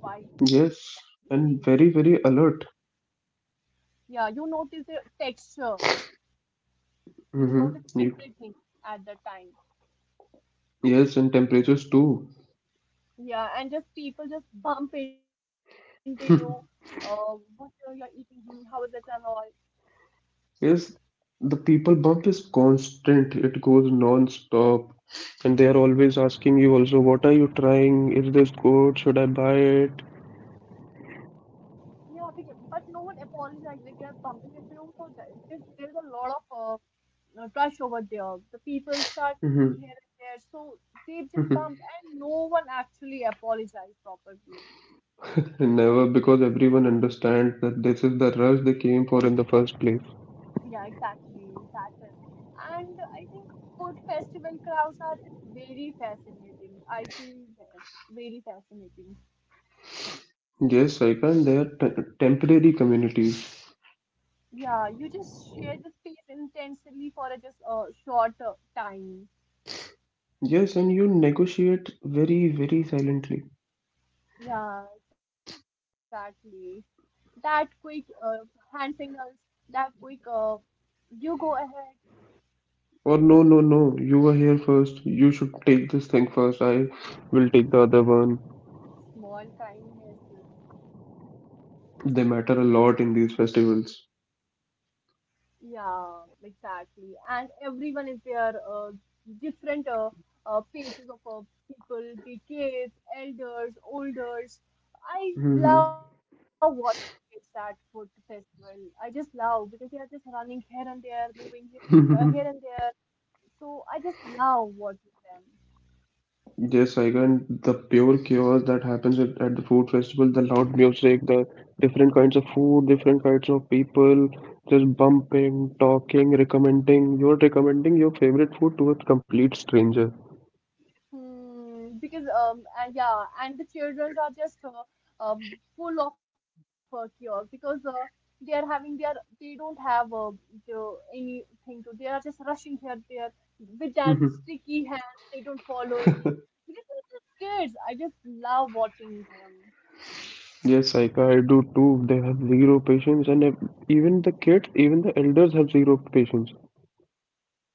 [SPEAKER 1] while eating.
[SPEAKER 2] Yes, and very alert.
[SPEAKER 1] Yeah, you notice the texture. You notice
[SPEAKER 2] Mm-hmm.
[SPEAKER 1] everything at the time.
[SPEAKER 2] Yes, and temperatures too.
[SPEAKER 1] Yeah, and just people just bump into you. What are you eating? Hmm, how is it and all?
[SPEAKER 2] Yes, the people bump is constant. It goes non-stop. And they are always asking you also, what are you trying? Is this good? Should I buy it?
[SPEAKER 1] Yeah, because, but no one apologizes if they're bumping into you. So that, because there is a lot of rush over there. The people start moving
[SPEAKER 2] Mhm.
[SPEAKER 1] here and there, so they just bump, and no one actually apologizes properly.
[SPEAKER 2] Never, because everyone understands that this is the rush they came for in the first place.
[SPEAKER 1] Yeah, exactly. That is. And I think food festival crowds are very fascinating. I feel very fascinating.
[SPEAKER 2] Yes, Saipan, they are temporary communities.
[SPEAKER 1] Yeah, you just share the space intensely for a short time.
[SPEAKER 2] Yes, and you negotiate very silently.
[SPEAKER 1] Yeah, exactly. That quick hand signals, that quick you go ahead,
[SPEAKER 2] Or no, you were here first. You should take this thing first. I will take the other one.
[SPEAKER 1] small kindnesses,
[SPEAKER 2] They
[SPEAKER 1] isn't it?
[SPEAKER 2] matter a lot in these festivals.
[SPEAKER 1] Yeah, exactly. And everyone is there, different phases of people, the kids, elders, olders. I
[SPEAKER 2] Mhm.
[SPEAKER 1] love watching kids at food festival. I just love because they are just running here and there, moving here and there. So I just love watching them.
[SPEAKER 2] Yes, I can. The pure chaos that happens at the food festival, the loud music, the different kinds of food, different kinds of people, just bumping, talking, recommending. You're recommending your favorite food to a complete stranger.
[SPEAKER 1] Hmm, because yeah, and the children are just um full of chaos because they are having their they don't have the, anything to, they are just rushing here there with that
[SPEAKER 2] Mhm.
[SPEAKER 1] sticky hands. They don't follow any, because they're just kids. I just love watching them.
[SPEAKER 2] Yes, Saika, I do too. They have zero patience, even the kids, even the elders have zero patience.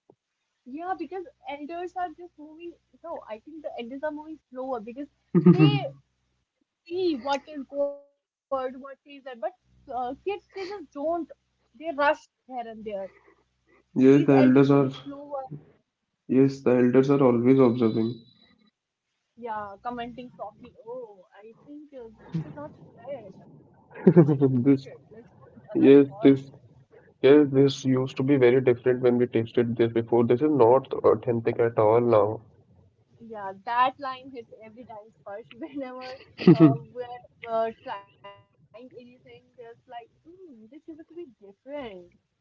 [SPEAKER 1] Yeah, because elders are just moving, no, I think the elders are moving slower because they see what is good, what is that. But kids, they just don't. They rush here and there. These elders
[SPEAKER 2] Yes, the
[SPEAKER 1] move
[SPEAKER 2] elders
[SPEAKER 1] slower.
[SPEAKER 2] are. Yes, the elders are always observing.
[SPEAKER 1] Yeah, commenting softly. Oh, I think this is not fresh. We shouldn't eat it. Let's
[SPEAKER 2] This
[SPEAKER 1] put other stall.
[SPEAKER 2] Yes, this yes, this used to be very different when we tasted this before. This is not authentic at all now.
[SPEAKER 1] Yeah, that line hits every time first. Whenever we're trying anything, there's like, mm, this is to be different.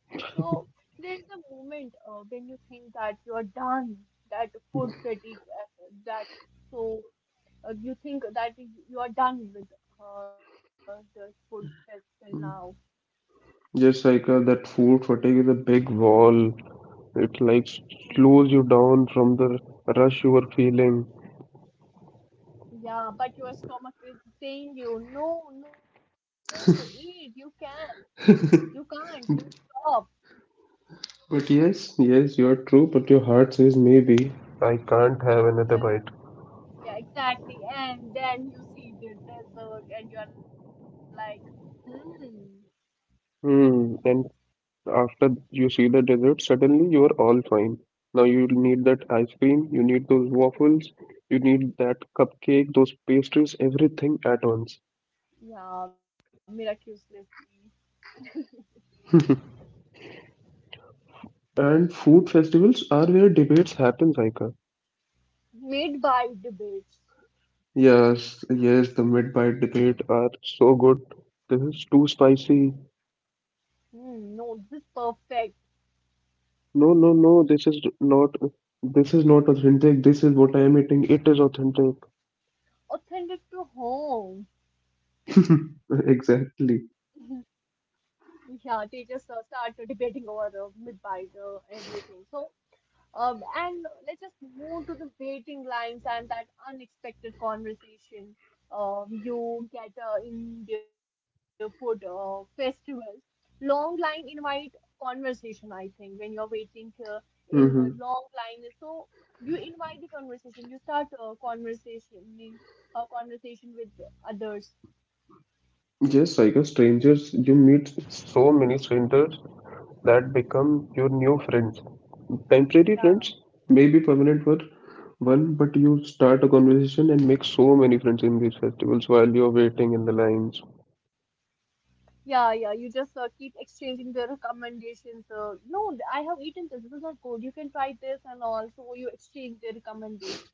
[SPEAKER 1] So there's a moment when you think that you're done, that food fatigue, that so you think that you are done with the food festival now.
[SPEAKER 2] Yes, Saika, that food fatigue is a big wall. It like
[SPEAKER 1] Hmm.
[SPEAKER 2] slows you down from the rush you were feeling.
[SPEAKER 1] Yeah, but your stomach is saying you, no, no, eat, you can't, you stop.
[SPEAKER 2] But yes, you're true, but your heart says maybe. I can't have another
[SPEAKER 1] Yeah,
[SPEAKER 2] bite.
[SPEAKER 1] yeah, exactly. And then you see the dessert and you're like, hmm,
[SPEAKER 2] Hmm, and After you see the dessert, suddenly you are all fine. Now you need that ice cream, you need those waffles, you need that cupcake, those pastries, everything at once.
[SPEAKER 1] yeah, miraculously
[SPEAKER 2] And food festivals are where debates happen, Saika.
[SPEAKER 1] made by debates.
[SPEAKER 2] Yes, the mid-bite debate are so good. This is too spicy.
[SPEAKER 1] Hmm, no, this is perfect.
[SPEAKER 2] No, No, this is not authentic. This is what I am eating. It is authentic.
[SPEAKER 1] Authentic to home.
[SPEAKER 2] Exactly.
[SPEAKER 1] Yeah, they just start debating over mid-bite, everything. And let's just move to the waiting lines and that unexpected conversation you get in the food festivals. Long line invite conversation, I think, when you're waiting in the long line. Is So you invite the conversation, you start a conversation, mean, a conversation with others.
[SPEAKER 2] Yes, Saika, strangers, you meet so many strangers that become your new friends. Temporary
[SPEAKER 1] Yeah.
[SPEAKER 2] friends, maybe permanent one, but you start a conversation and make so many friends in these festivals while you're waiting in the lines.
[SPEAKER 1] Yeah, yeah. You just keep exchanging the recommendations. No, I have eaten this. This is not good. You can try this and all. So you exchange the recommendations.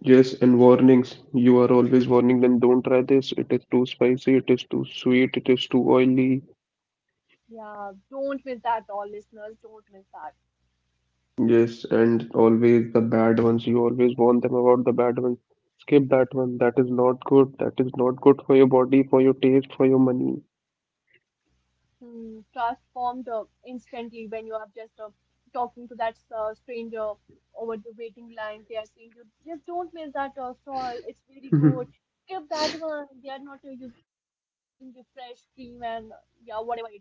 [SPEAKER 2] Yes, and warnings. You are always warning them, don't try this, it is too spicy, it is too sweet, it is too oily.
[SPEAKER 1] Yeah, don't miss that, all listeners. Don't miss that.
[SPEAKER 2] Yes, and always the bad ones. You always warn them about the bad ones. Skip that one. That is not good. That is not good for your body, for your taste, for your money.
[SPEAKER 1] Hmm, transformed instantly when you are just talking to that stranger over the waiting line. They are saying, you just don't miss that stall. It's very good. Skip that one. They are not using the fresh cream and yeah, whatever it is. So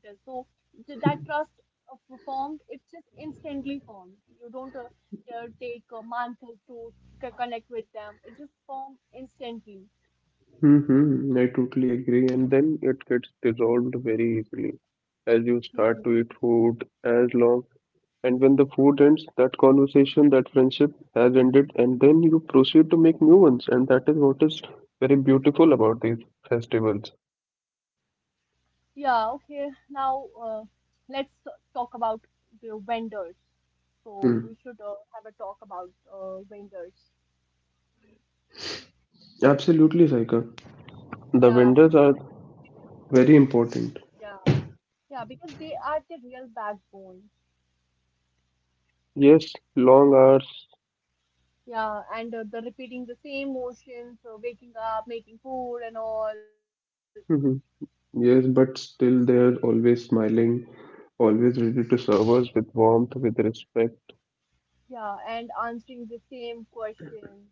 [SPEAKER 1] that trust formed, it's just instantly formed. You don't take months to connect with them. It just formed instantly.
[SPEAKER 2] Mm-hmm. I totally agree. And then it gets dissolved very easily as you
[SPEAKER 1] Hmm.
[SPEAKER 2] start to eat food as long. And when the food ends, that conversation, that friendship has ended, and then you proceed to make new ones. And that is what is very beautiful about these festivals.
[SPEAKER 1] Yeah, okay. Now let's talk about the vendors. So we should
[SPEAKER 2] Mm.
[SPEAKER 1] have a talk about vendors.
[SPEAKER 2] Absolutely, Saika. The
[SPEAKER 1] Yeah, be-
[SPEAKER 2] vendors are very
[SPEAKER 1] yeah,
[SPEAKER 2] important.
[SPEAKER 1] yeah, because they are the real backbone.
[SPEAKER 2] Yes, long hours.
[SPEAKER 1] Yeah, and the repeating the same motions, waking up, making food and all.
[SPEAKER 2] Mhm. Yes, but still they're always smiling, always ready to serve us, with warmth, with respect,
[SPEAKER 1] Yeah, and answering the same questions.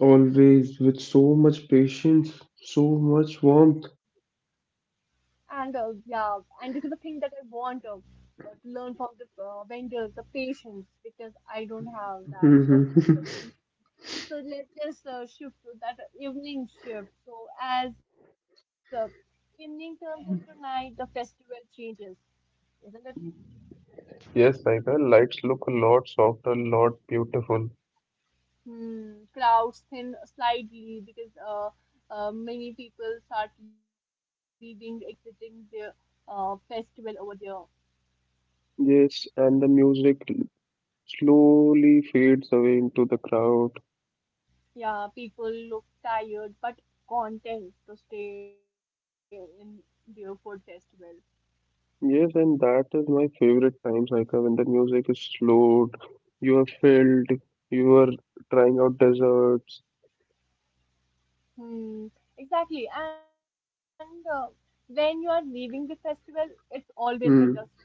[SPEAKER 2] always with so much patience, so much warmth.
[SPEAKER 1] And yeah, and this is the thing that I want to learn from the vendors, the patients, because I don't have that. So just,
[SPEAKER 2] Mhm.
[SPEAKER 1] so let's just shift to that evening shift. So as evening turns into night, the festival changes, isn't it?
[SPEAKER 2] Yes, Saika, lights look a lot softer, lot beautiful.
[SPEAKER 1] Hmm, crowds thin slightly because many people start leaving, exiting their festival over there.
[SPEAKER 2] Yes, and the music slowly fades away into the crowd.
[SPEAKER 1] Yeah, people look tired but content to stay in their food festival.
[SPEAKER 2] Yes, and that is my favorite time cycle when the music is slowed, you are filled, you are trying out desserts.
[SPEAKER 1] Hmm, exactly. And when you are leaving the festival, it's always
[SPEAKER 2] Mm,
[SPEAKER 1] bittersweet,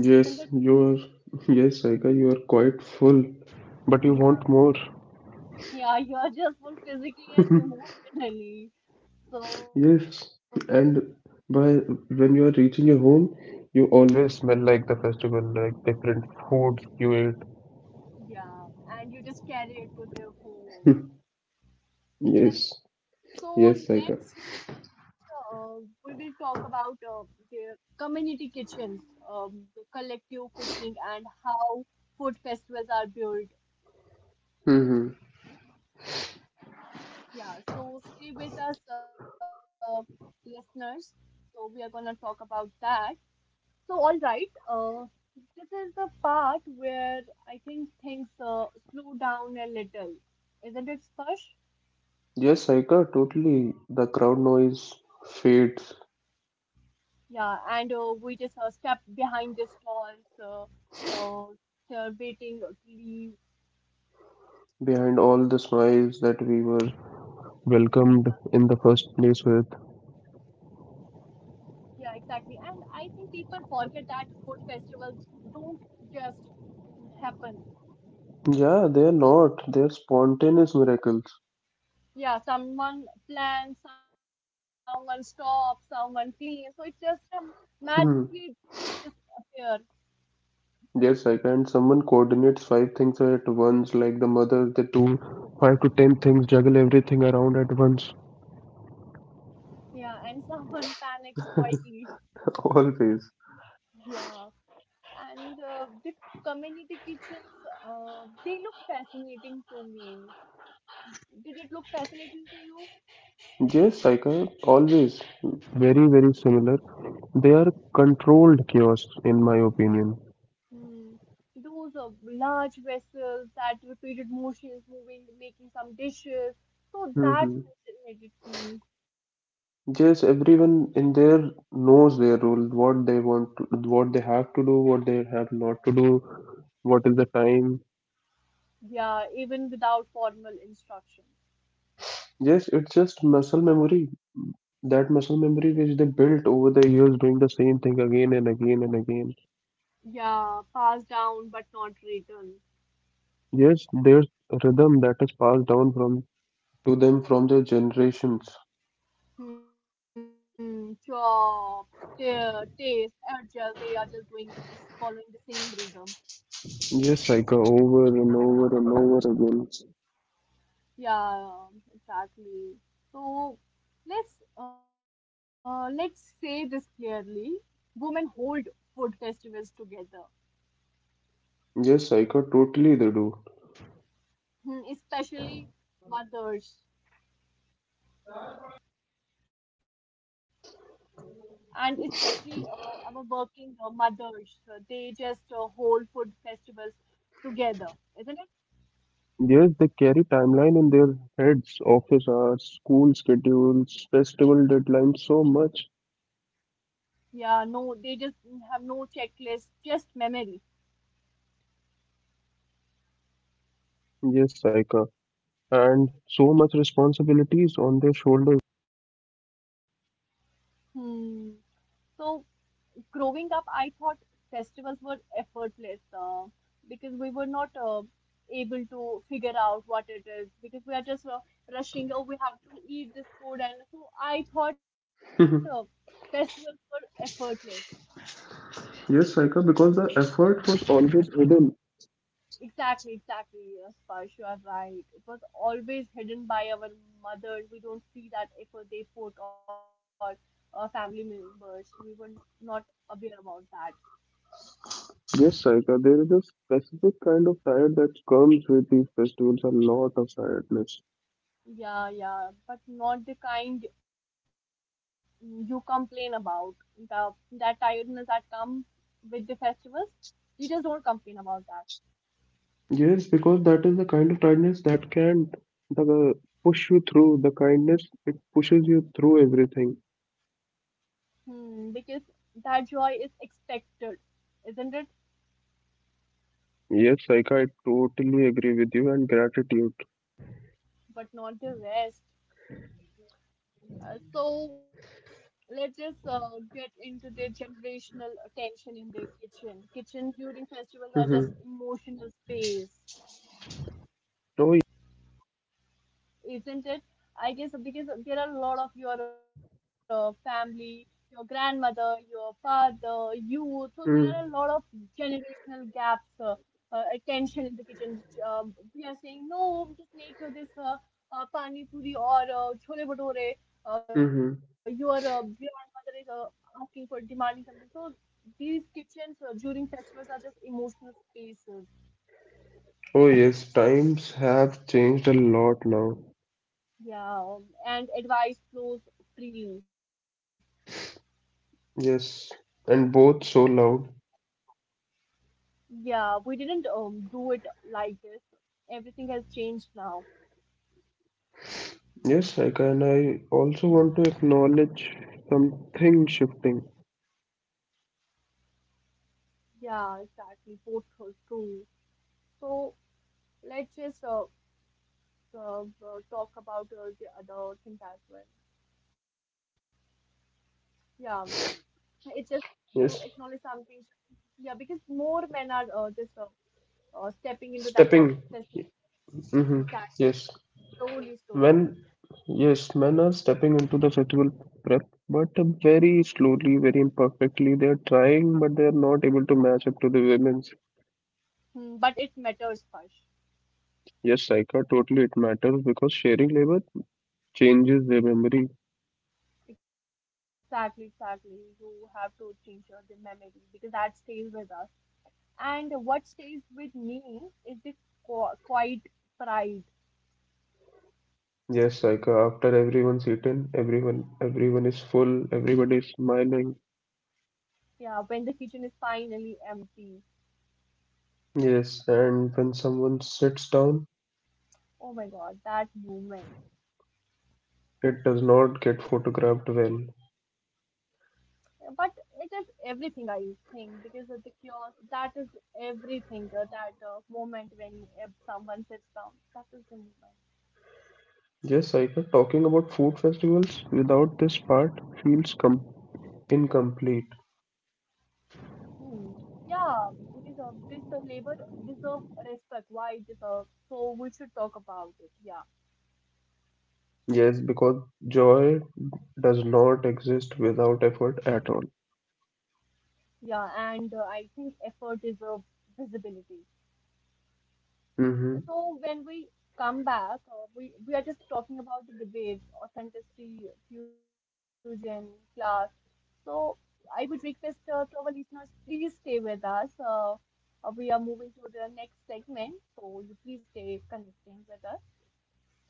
[SPEAKER 1] isn't it?
[SPEAKER 2] yes, you are, yes, Saika, you are quite full, but you
[SPEAKER 1] Yeah,
[SPEAKER 2] want more.
[SPEAKER 1] yeah, you are just full physically and emotionally. So,
[SPEAKER 2] Yes, and by when you are reaching your home, you always smell like the festival, like different foods you
[SPEAKER 1] yeah, and you just carry it to their home,
[SPEAKER 2] ate.
[SPEAKER 1] isn't it?
[SPEAKER 2] Yes,
[SPEAKER 1] So
[SPEAKER 2] yes, Saika.
[SPEAKER 1] next, uh, we will talk about the community kitchens, the collective cooking, and how food festivals are built.
[SPEAKER 2] Mm-hmm.
[SPEAKER 1] Yeah, so stay with us, listeners. So we are gonna talk about that. So all right, this is the part where I think things slow down a little, isn't it, Sparsh?
[SPEAKER 2] Yes, Saika, totally. The crowd noise fades
[SPEAKER 1] Yeah, and we just step behind the stalls, so waiting,
[SPEAKER 2] behind all the smiles that we were welcomed in the first place with.
[SPEAKER 1] yeah, exactly. And I think people forget that food festivals don't just happen.
[SPEAKER 2] Yeah, they're not. They're spontaneous miracles.
[SPEAKER 1] Yeah, someone plans, someone stops, someone cleans. So it just magically
[SPEAKER 2] Hmm.
[SPEAKER 1] just appears.
[SPEAKER 2] Yes, I can. Someone coordinates five things at once, like the mother, they do five to ten things, juggle everything around at once.
[SPEAKER 1] Yeah, and someone panics quietly.
[SPEAKER 2] Always.
[SPEAKER 1] Yeah. And the community kitchens they look fascinating to me, did it look fascinating to you?
[SPEAKER 2] Yes, I can. Always. Very similar. They are controlled chaos, in my opinion.
[SPEAKER 1] Hmm. Those large vessels, that repeated motions moving, making some dishes, so that
[SPEAKER 2] Mm-hmm.
[SPEAKER 1] fascinated me.
[SPEAKER 2] Yes, everyone in there knows their role, what they have to do, what they have not to do, what is the time.
[SPEAKER 1] Yeah, even without formal instruction.
[SPEAKER 2] Yes, it's just muscle memory. That muscle memory which they built over the years doing the same thing again
[SPEAKER 1] Yeah, passed down but not written.
[SPEAKER 2] Yes, there's rhythm that is passed down from to them from their generations.
[SPEAKER 1] Hmm, chop, tear, taste, adjust, they are just doing just following the same rhythm.
[SPEAKER 2] Yes, Saika, over again.
[SPEAKER 1] Yeah, exactly. So let's say this clearly. Women hold food festivals together.
[SPEAKER 2] Yes, Saika, totally they do.
[SPEAKER 1] Hmm, especially mothers, and especially our working mothers. They just hold food festivals together, isn't it?
[SPEAKER 2] Yes, they carry timeline in their heads, office hours, school schedules, festival deadlines, so much.
[SPEAKER 1] Yeah, no, they just have no checklist, just memory.
[SPEAKER 2] Yes, Saika. And so much responsibilities on their shoulders.
[SPEAKER 1] Hmm. So growing up, I thought festivals were effortless because we were not able to figure out what it is, because we are just rushing. Oh, we have to eat this food, and so I thought
[SPEAKER 2] Mhm.
[SPEAKER 1] festivals were effortless.
[SPEAKER 2] Yes, Saika, because the effort was always hidden.
[SPEAKER 1] Exactly, exactly. Yes, Sparsh, you are right. It was always hidden by our mothers. We don't see that effort they put, or family members. We were not aware about that.
[SPEAKER 2] Yes, Saika, there is a specific kind of tired that comes with these festivals, a lot of tiredness.
[SPEAKER 1] Yeah, yeah, but not the kind you complain about. The That tiredness that comes with the festivals, you just don't complain about that.
[SPEAKER 2] Yes, because that is the kind of tiredness that can the, push you through, the kindness, it pushes you through everything.
[SPEAKER 1] Hmm, because that joy is expected, isn't it?
[SPEAKER 2] Yes, like I totally agree with you and gratitude.
[SPEAKER 1] But not the rest. So let's just get into the generational tension in the kitchen. Kitchen during festivals are just
[SPEAKER 2] Mm-hmm.
[SPEAKER 1] emotional space,
[SPEAKER 2] Oh,
[SPEAKER 1] isn't it? I guess because there are a lot of your family, your grandmother, your father, you. So there are a lot of
[SPEAKER 2] mm,
[SPEAKER 1] generational gaps, attention in the kitchen. We are saying no, just make this pani puri or chole bhature. Your
[SPEAKER 2] mm-hmm.
[SPEAKER 1] grandmother is asking for, demanding something. So these kitchens during festivals are just emotional spaces.
[SPEAKER 2] Oh, yes, times have changed a lot now.
[SPEAKER 1] Yeah, and advice flows freely.
[SPEAKER 2] Yes, and both so loud.
[SPEAKER 1] Yeah, we didn't do it like this. Everything has changed now.
[SPEAKER 2] Yes, like, and I also want to acknowledge something shifting.
[SPEAKER 1] Yeah, exactly. Both are true. So let's just talk about the other things as well. Yeah, it's just you acknowledge
[SPEAKER 2] Yes,
[SPEAKER 1] something. Yeah, because more men are just stepping into that
[SPEAKER 2] stepping.
[SPEAKER 1] system.
[SPEAKER 2] Mm-hmm.
[SPEAKER 1] Exactly,
[SPEAKER 2] Yes,
[SPEAKER 1] slowly, slowly.
[SPEAKER 2] when yes, men are stepping into the festival prep, but very slowly, very imperfectly. They are trying, but they are not able to match up to the women.
[SPEAKER 1] Hmm, but it matters first.
[SPEAKER 2] Yes, Saika, totally it matters because sharing labor changes their memory.
[SPEAKER 1] Exactly, exactly. You have to change the memory because that stays with us. And what stays with me is the quiet pride.
[SPEAKER 2] Yes, Saika, after everyone's eaten, everyone is full, everybody is smiling.
[SPEAKER 1] Yeah, when the kitchen is finally empty.
[SPEAKER 2] Yes, and when someone sits down,
[SPEAKER 1] Oh my God, that moment.
[SPEAKER 2] it does not get photographed well.
[SPEAKER 1] But it is everything, I think, because of the chaos. That is everything. That moment when if someone sits down, that is the moment.
[SPEAKER 2] Yes, Saika, talking about food festivals without this part feels com incomplete.
[SPEAKER 1] Hmm. Yeah, because this labor deserve respect. Why it deserve? So we should talk about it. Yeah.
[SPEAKER 2] Yes, because joy does not exist without effort at all.
[SPEAKER 1] Yeah, and I think effort deserves visibility. So when we come back, we are just talking about the debates, authenticity, fusion, class. So I would request to our listeners, please stay with us. We are moving to the next segment, so you please stay connecting with us.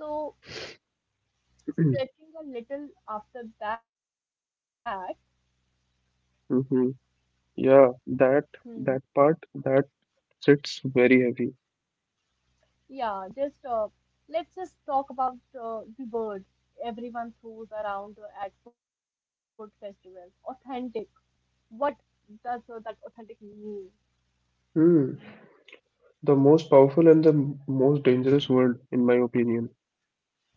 [SPEAKER 1] So
[SPEAKER 2] Mm-hmm.
[SPEAKER 1] stretching a little after that.
[SPEAKER 2] Yeah,
[SPEAKER 1] Hmm,
[SPEAKER 2] that part that sits very heavy.
[SPEAKER 1] yeah, just let's just talk about the word everyone throws around at food festivals. Authentic. What does that authentic mean?
[SPEAKER 2] Hmm. The most powerful and the most dangerous word, in my opinion.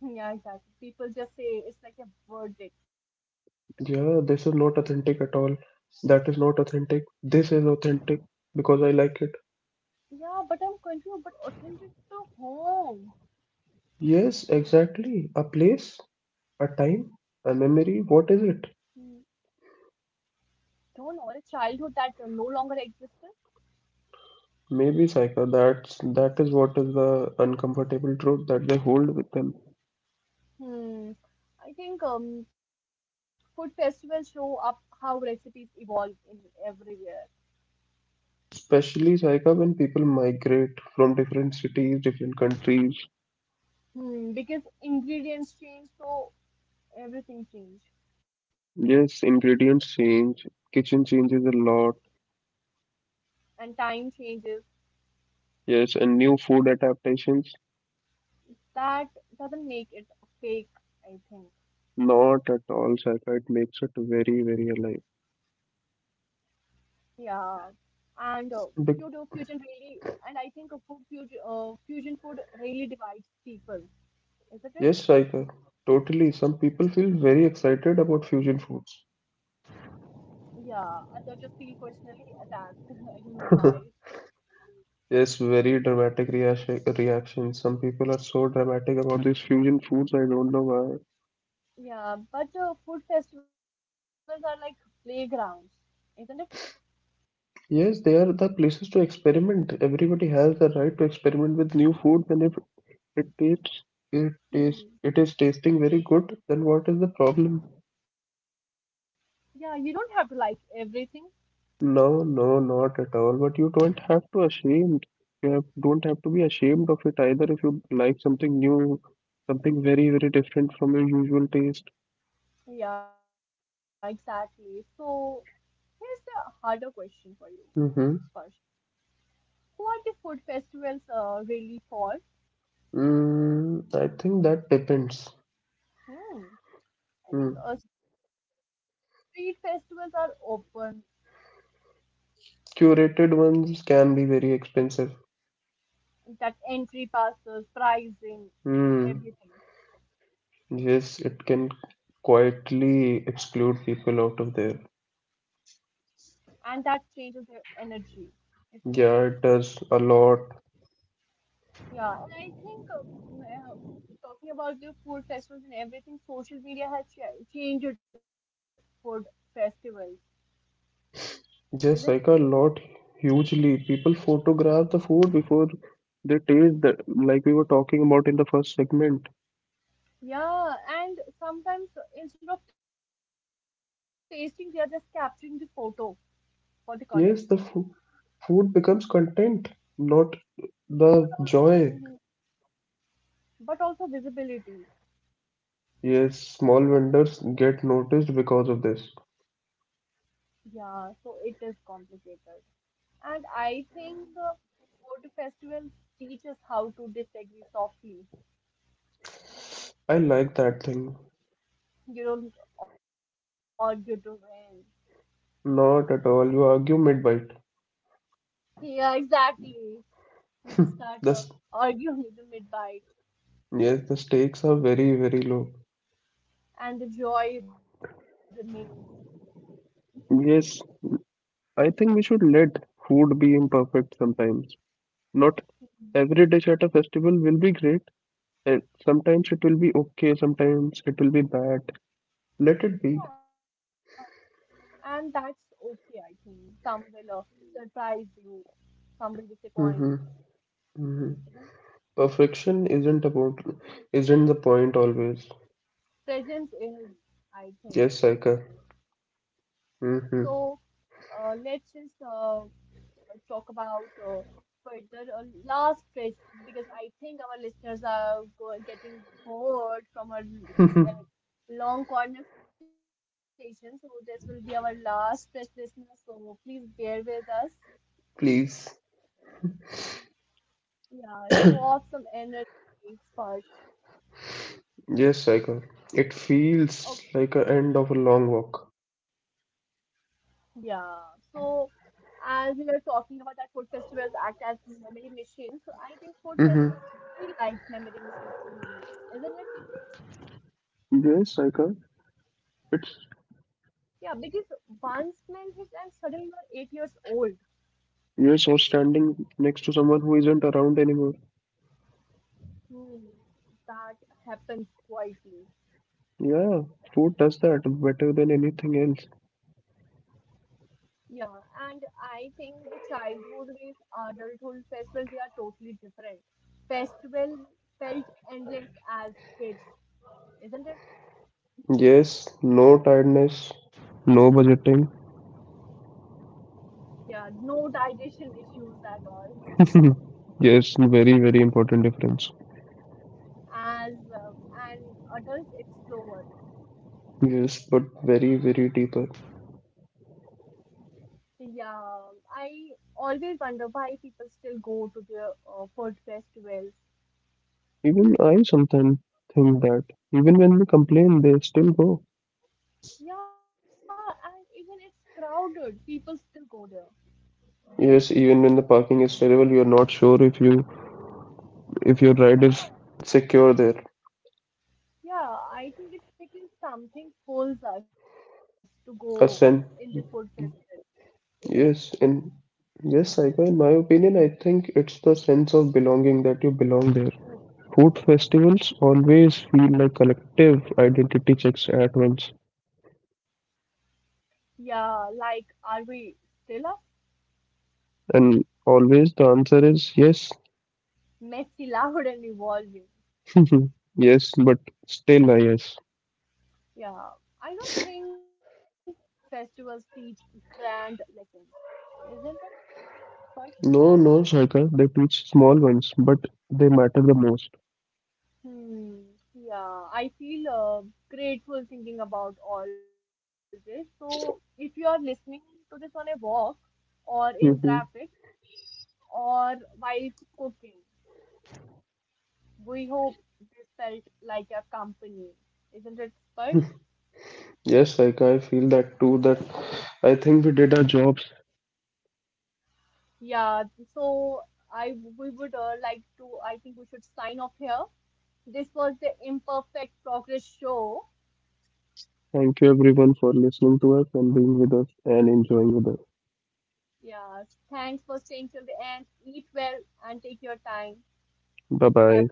[SPEAKER 1] Yeah, exactly. People just say it's like a verdict.
[SPEAKER 2] Yeah, this is not authentic at all. That is not authentic. This is authentic because I like it.
[SPEAKER 1] Yeah, but I'm confused. But authentic to home.
[SPEAKER 2] Yes, exactly. A place, a time, a
[SPEAKER 1] Hmm,
[SPEAKER 2] memory. What is it?
[SPEAKER 1] don't know. Or a childhood that no longer existed.
[SPEAKER 2] Maybe Saika, that is what is the uncomfortable truth that they hold with them.
[SPEAKER 1] Hmm. I think food festivals show up how recipes evolve in everywhere.
[SPEAKER 2] Especially Saika when people migrate from different cities, different countries.
[SPEAKER 1] Hmm, because ingredients change, so everything change,
[SPEAKER 2] Yes, ingredients change, kitchen changes a lot.
[SPEAKER 1] and time changes.
[SPEAKER 2] Yes, and new food adaptations,
[SPEAKER 1] That doesn't make it fake, I think.
[SPEAKER 2] not at all, Saika. It makes it very, very alive.
[SPEAKER 1] Yeah, and uh, food uh,
[SPEAKER 2] But
[SPEAKER 1] fusion really, and I think fusion food really divides people, isn't it?
[SPEAKER 2] yes, Saika, totally. Some people feel very excited about fusion foods.
[SPEAKER 1] Yeah, others just feel personally attacked. I don't know why.
[SPEAKER 2] Yes, very dramatic reaction. Reaction. Some people are so dramatic about these fusion foods, I don't know why.
[SPEAKER 1] Yeah, but food festivals are like playgrounds, isn't it?
[SPEAKER 2] Yes, they are the places to experiment. Everybody has the right to experiment with new food, and if it tastes
[SPEAKER 1] Hmm.
[SPEAKER 2] it is tasting very good, then what is the problem?
[SPEAKER 1] Yeah, you don't have to like everything.
[SPEAKER 2] No, no, not at all, but you don't have to ashamed, don't have to be ashamed of it either if you like something new, something very, very different from your usual taste.
[SPEAKER 1] Yeah, exactly. So here's the harder question for you,
[SPEAKER 2] Mm-hmm.
[SPEAKER 1] Sparsh. Who are the food festivals really for?
[SPEAKER 2] Mm, I think that depends.
[SPEAKER 1] Hmm. I think
[SPEAKER 2] Mm.
[SPEAKER 1] street festivals are open,
[SPEAKER 2] Curated ones can be very expensive.
[SPEAKER 1] that entry passes, pricing,
[SPEAKER 2] Mm.
[SPEAKER 1] everything,
[SPEAKER 2] Yes, it can quietly exclude people out of there.
[SPEAKER 1] and that changes their energy, isn't it?
[SPEAKER 2] Yeah, it does a lot.
[SPEAKER 1] Yeah, and I think talking about the food festivals and everything, social media has ch changed food festivals, isn't it?
[SPEAKER 2] Yes, like a lot, hugely. People photograph the food before they taste the like we were talking about in the first segment.
[SPEAKER 1] Yeah, and sometimes instead of tasting, they are just capturing the photo for the content.
[SPEAKER 2] Yes, the fo food becomes content, not
[SPEAKER 1] But all,
[SPEAKER 2] the
[SPEAKER 1] Mhm,
[SPEAKER 2] joy.
[SPEAKER 1] but also visibility.
[SPEAKER 2] Yes, small vendors get noticed because of this.
[SPEAKER 1] Yeah, so it is complicated. And I think food festivals teach us how to disagree softly.
[SPEAKER 2] I like that thing.
[SPEAKER 1] You don't argue to win.
[SPEAKER 2] Not at all. You argue mid-bite.
[SPEAKER 1] Yeah, exactly. You just start
[SPEAKER 2] The s
[SPEAKER 1] arguing in mid-bite,
[SPEAKER 2] Yes, the stakes are very, very low.
[SPEAKER 1] and the joy remains.
[SPEAKER 2] Yes, I think we should let food be imperfect sometimes. Not every dish at a festival will be great. And sometimes it will be okay, sometimes it will be bad. Let it be.
[SPEAKER 1] And that's okay, I think. Some will surprise you, some will disappoint.
[SPEAKER 2] Hmm. Hmm.
[SPEAKER 1] Even
[SPEAKER 2] Perfection isn't the point always.
[SPEAKER 1] presence is, I think.
[SPEAKER 2] Yes, Saika.
[SPEAKER 1] So
[SPEAKER 2] Hmm.
[SPEAKER 1] let's just talk about further, last question, because I think our listeners are go getting bored from our long conversation. So this will be our last question, listeners. So please bear with us.
[SPEAKER 2] Please.
[SPEAKER 1] Yeah, show off some energy, Sparsh.
[SPEAKER 2] Yes, Saika. It feels like a end of a long walk.
[SPEAKER 1] Yeah, so as we were talking about that food festivals act as memory machines, so I think food festivals
[SPEAKER 2] Hmm.
[SPEAKER 1] feel like memory machines to me, isn't it?
[SPEAKER 2] Yes, Saika. It's
[SPEAKER 1] Yeah, because one smell hits and suddenly you're 8 years old.
[SPEAKER 2] Yes, or standing next to someone who isn't around anymore.
[SPEAKER 1] Hmm, that happens quietly.
[SPEAKER 2] Yeah, food does that better than anything else.
[SPEAKER 1] Yeah, and I think the childhood with adulthood festivals, they are totally different. Festival felt endless as kids, isn't it?
[SPEAKER 2] Yes, no tiredness, no budgeting.
[SPEAKER 1] Yeah, no digestion issues at all.
[SPEAKER 2] Mhm. Yes, very, very important difference.
[SPEAKER 1] As uh, an adult explorer,
[SPEAKER 2] Yes, but very, very deeper.
[SPEAKER 1] yeah, I always wonder why people still go to the food festivals.
[SPEAKER 2] Even I sometimes think that even when we complain, they still go.
[SPEAKER 1] Yeah, and even it's crowded, people still go there.
[SPEAKER 2] Yes, even when the parking is terrible, you're not sure if you if your ride is secure there.
[SPEAKER 1] Yeah, I think it's because something pulls us to go in the
[SPEAKER 2] A
[SPEAKER 1] food
[SPEAKER 2] sense,
[SPEAKER 1] festival, isn't it?
[SPEAKER 2] yes, in yes, Saika, in my opinion, I think it's the sense of belonging that you belong there. Food festivals always feel like collective identity checks at once,
[SPEAKER 1] Yeah, like, are we still a
[SPEAKER 2] and always the answer is yes.
[SPEAKER 1] messy, loud and evolving?
[SPEAKER 2] Mhm. Yes, but still, I guess.
[SPEAKER 1] Yeah, I don't think festivals teach grand lessons, isn't it? But
[SPEAKER 2] No, no, Saika, they teach small ones, but they matter the most.
[SPEAKER 1] hmm, yeah, I feel grateful thinking about all this. So, if you are listening to this on a walk or in traffic or while cooking, we hope this felt like a company, isn't it, Sparsh?
[SPEAKER 2] Hmm. Yes, Saika, I feel that too. That I think we did our jobs.
[SPEAKER 1] Yeah, so I we would like to, I think we should sign off here. This was the Imperfect Progress Show.
[SPEAKER 2] Thank you, everyone, for listening to us and being with us and enjoying with us.
[SPEAKER 1] Yes. Thanks for staying till the end. Eat well and take your time.
[SPEAKER 2] Bye
[SPEAKER 1] Bye.
[SPEAKER 2] bye.